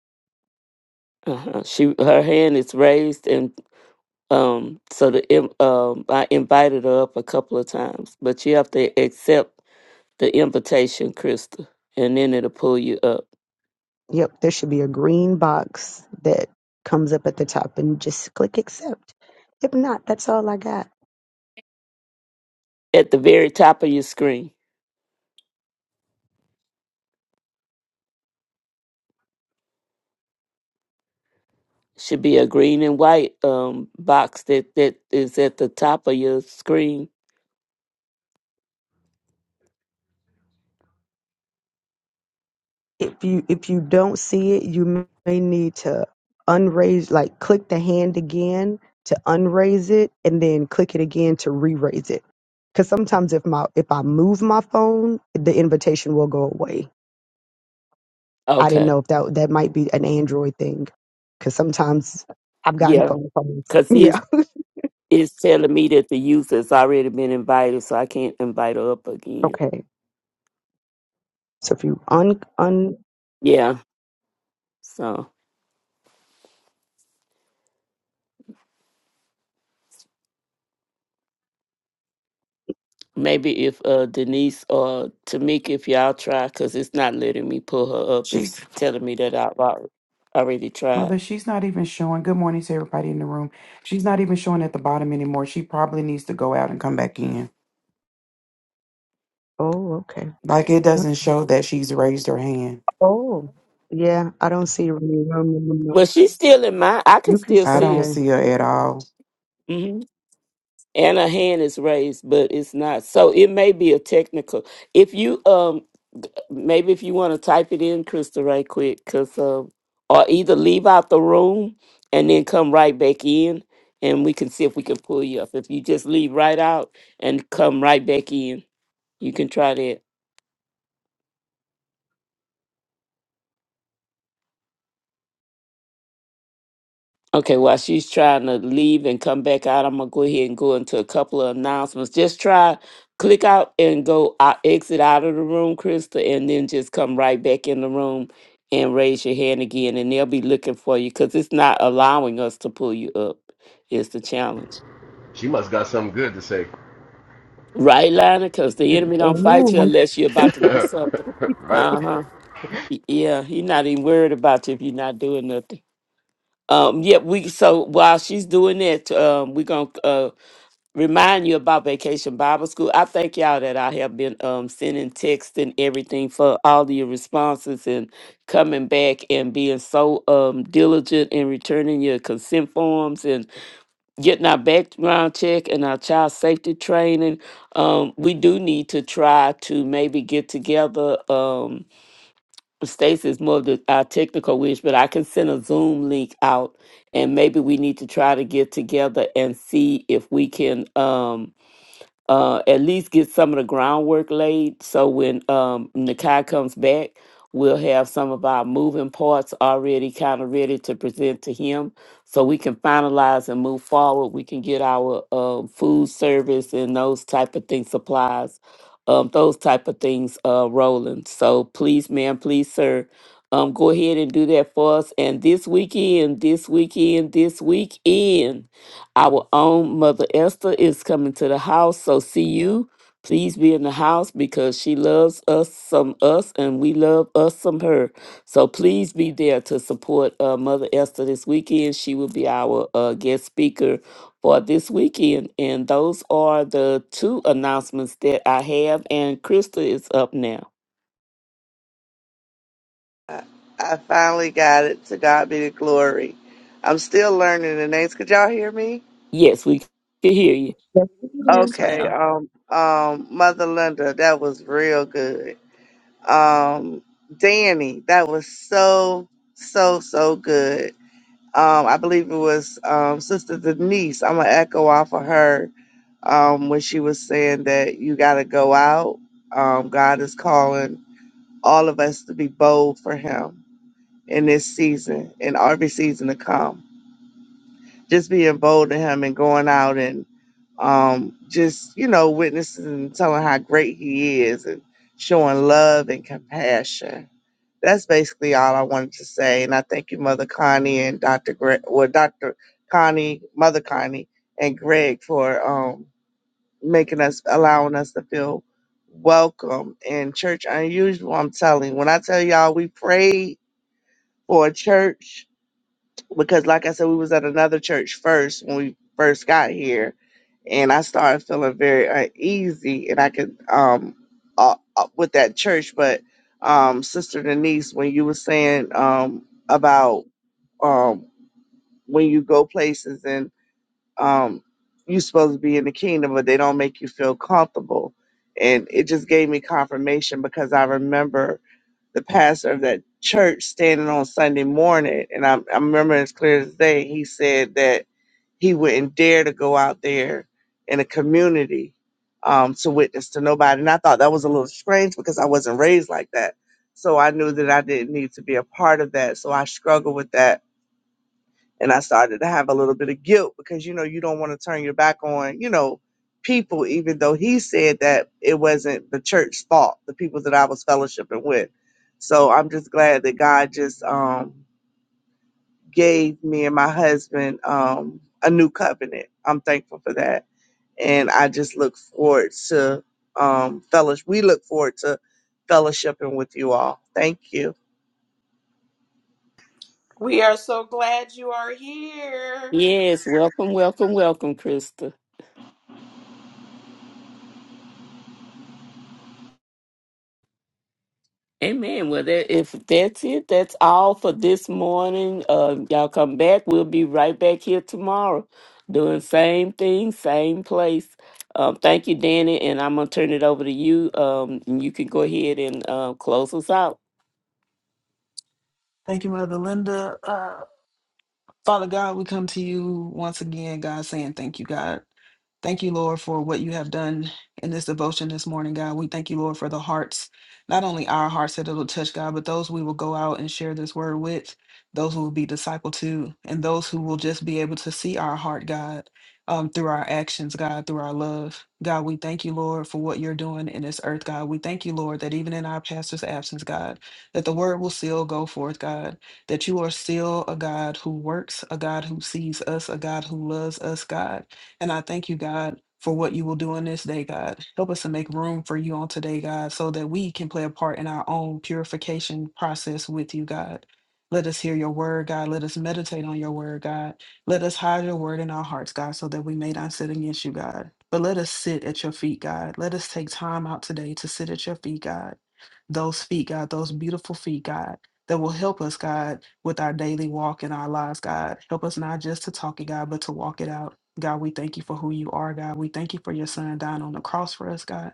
S1: Uh-huh. She her hand is raised, and um, so the in- um, I invited her up a couple of times, but you have to accept the invitation, Krista, and then it'll pull you up
S7: Yep, there should be a green box that comes up at the top and just click accept. If not, that's all I got.
S1: at the very top of your screen. Should be a green and white um box that that is at the top of your screen
S7: if you if you don't see it, you may need to unraise, like click the hand again to unraise it, and then click it again to re-raise it. Because sometimes if my if I move my phone, the invitation will go away. I didn't
S1: Okay.
S7: know if that that might be an Android thing. Because sometimes I've gotten
S1: Yeah.
S7: phone calls.
S1: Because
S7: *laughs* Yeah.
S1: he's, he's telling me that the youth has already been invited, so I can't invite her up again.
S7: Okay. So if you un un
S1: Yeah. So maybe if uh, Denise or Tamika, if y'all try, because it's not letting me pull her up, it's
S9: She's
S1: telling me that I've al- already tried.
S9: mother, she's not even showing. Good morning to everybody in the room. She's not even showing at the bottom anymore. She probably needs to go out and come back in.
S7: Oh, okay.
S9: Like it doesn't show that she's raised her hand.
S7: Oh, yeah. I don't see any room in the. mo-
S1: Well, she's still in my, I can
S7: You can.
S1: still
S7: s-
S9: I
S1: see
S9: don't
S7: Okay.
S1: her.
S9: see her at all.
S1: Mm-hmm. and a hand is raised but it's not so it may be a technical if you um maybe if you want to type it in crystal right quick because um or either leave out the room and then come right back in and we can see if we can pull you up if you just leave right out and come right back in you can try that Okay, while she's trying to leave and come back out, I'm gonna go ahead and go into a couple of announcements. Just try click out and go out, exit out of the room, Krista, and then just come right back in the room and raise your hand again, and they'll be looking for you because it's not allowing us to pull you up. It's the challenge,
S5: She must got something good to say,
S1: right, Lana? Because the enemy don't fight you
S7: Amen.
S1: unless you're about to
S5: *laughs*
S1: do something.
S5: right?
S1: Uh huh. Yeah, he's not even worried about you if you're not doing nothing. Um, yeah, we so while she's doing that, um, we're gonna uh remind you about Vacation Bible School. I thank y'all that I have been um, sending texts and everything for all of your responses and coming back and being so um, diligent in returning your consent forms and getting our background check and our child safety training. Um, we do need to try to maybe get together. Um, Stacey's more of the, our technical wish, but I can send a Zoom link out and maybe we need to try to get together and see if we can. Um, uh, at least get some of the groundwork laid. So when um, Nakai comes back, we'll have some of our moving parts already kind of ready to present to him so we can finalize and move forward. We can get our um food service and those type of things, supplies, um, those type of things uh, rolling. So please, ma'am, please, sir. Um, go ahead and do that for us. And this weekend, this weekend, this weekend. Our own Mother Esther is coming to the house, so see you. Please be in the house because she loves us some us and we love us some her. So please be there to support uh, Mother Esther this weekend. She will be our uh, guest speaker for this weekend. And those are the two announcements that I have. And Krista is up now.
S10: I I finally got it. To God be the glory. I'm still learning the names. Could y'all hear me?
S1: Yes, we can hear you.
S7: Yes, ma'am.
S2: Yes,
S10: Okay.
S2: ma'am.
S10: Um. Um. Mother Linda, that was real good. Um. Danny, that was so so so good. Um. I believe it was um Sister Denise. I'm gonna echo off of her. Um. When she was saying that you gotta go out. Um. God is calling all of us to be bold for Him in this season, in every season to come just being bold in him and going out and um, just you know witnessing and telling how great he is and showing love and compassion. That's basically all I wanted to say, and I thank you, Mother Connie and Doctor Greg, well, Doctor Connie, Mother Connie, and Greg for um, making us, allowing us to feel welcome in Church Unusual. I'm telling, when I tell y'all, we prayed for a church because like I said, we was at another church first when we first got here, and I started feeling very uneasy, and I could um uh, uh, with that church, but um Sister Denise, when you were saying um about um when you go places and um you supposed to be in the kingdom, but they don't make you feel comfortable, and it just gave me confirmation because I remember the pastor of that church standing on Sunday morning, and I, I remember as clear as day, he said that he wouldn't dare to go out there in a community um, to witness to nobody. And I thought that was a little strange because I wasn't raised like that. So I knew that I didn't need to be a part of that. So I struggled with that and I started to have a little bit of guilt because you know you don't want to turn your back on you know people even though he said that it wasn't the church's fault the people that I was fellowshipping with so I'm just glad that God just um gave me and my husband um a new covenant I'm thankful for that and I just look forward to um fellowship we look forward to fellowshipping with you all thank you
S8: We are so glad you are here.
S1: Yes, welcome, welcome, welcome, Krista. Amen. Well, that, if that's it, that's all for this morning. Uh, y'all come back. We'll be right back here tomorrow, doing same thing, same place. Um, thank you, Danny, and I'm gonna turn it over to you. Um, and you can go ahead and uh, close us out
S2: Thank you, Mother Linda. Uh, Father God, we come to you once again, God, saying thank you, God. Thank you, Lord, for what you have done in this devotion this morning, God. We thank you, Lord, for the hearts, not only our hearts that it'll touch, God, but those we will go out and share this word with, those who will be discipled to, and those who will just be able to see our heart, God, um, through our actions, God, through our love. God, we thank you, Lord, for what you're doing in this earth, God. We thank you, Lord, that even in our pastor's absence, God, that the word will still go forth, God, that you are still a God who works, a God who sees us, a God who loves us, God. And I thank you, God, for what you will do on this day, God. Help us to make room for you on today, God, so that we can play a part in our own purification process with you, God. Let us hear your word, God. Let us meditate on your word, God. Let us hide your word in our hearts, God, so that we may not sit against you, God. But let us sit at your feet, God. Let us take time out today to sit at your feet, God those feet, God, those beautiful feet, God, that will help us, God, with our daily walk in our lives, God. Help us not just to talk it, God, but to walk it out. God, we thank you for who you are, God. We thank you for your son dying on the cross for us, God.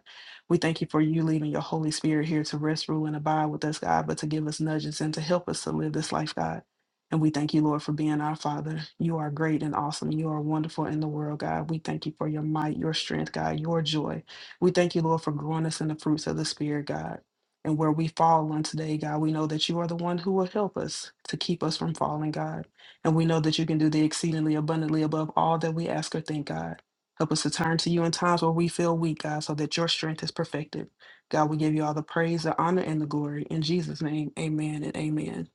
S2: We thank you for you leaving your Holy Spirit here to rest, rule, and abide with us, God, but to give us nudges and to help us to live this life, God. And we thank you, Lord, for being our Father. You are great and awesome. You are wonderful in the world, God. We thank you for your might, your strength, God, your joy. We thank you, Lord, for growing us in the fruits of the Spirit, God. And where we fall on today, God, we know that you are the one who will help us to keep us from falling, God. And we know that you can do the exceedingly abundantly above all that we ask or think, God. Help us to turn to you in times where we feel weak, God, so that your strength is perfected. God, we give you all the praise, the honor, and the glory. In Jesus' name, amen and amen.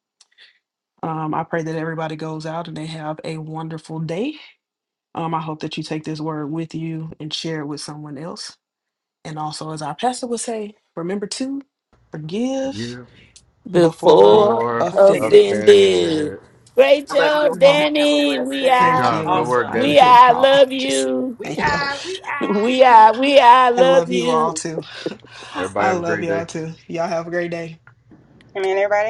S2: Um, I pray that everybody goes out and they have a wonderful day. Um, I hope that you take this word with you and share it with someone else. And also, as our pastor would say, remember to forgive
S5: Give
S2: before
S1: before
S5: before
S8: I
S2: offended.
S1: offended.
S5: offended.
S1: Great
S8: love you
S1: job,
S2: Mm,
S8: all. Have a
S1: Danny.
S8: blessed
S1: We
S5: Good
S8: day.
S2: Thank
S1: are,
S5: job. Good
S2: you.
S5: work,
S8: Awesome.
S2: I be
S5: Danny.
S1: we
S2: getting
S1: are.
S2: all
S1: Love
S2: anxious. *laughs*
S1: you. *laughs*
S8: We
S2: Thank you.
S8: are. We are.
S1: We are, we are.
S2: I
S1: Love
S2: love you all
S1: you.
S2: too. *laughs*
S5: Everybody
S2: I
S5: have a
S2: love
S5: great
S2: y'all
S5: day.
S2: too. Y'all have a great day.
S4: amen everybody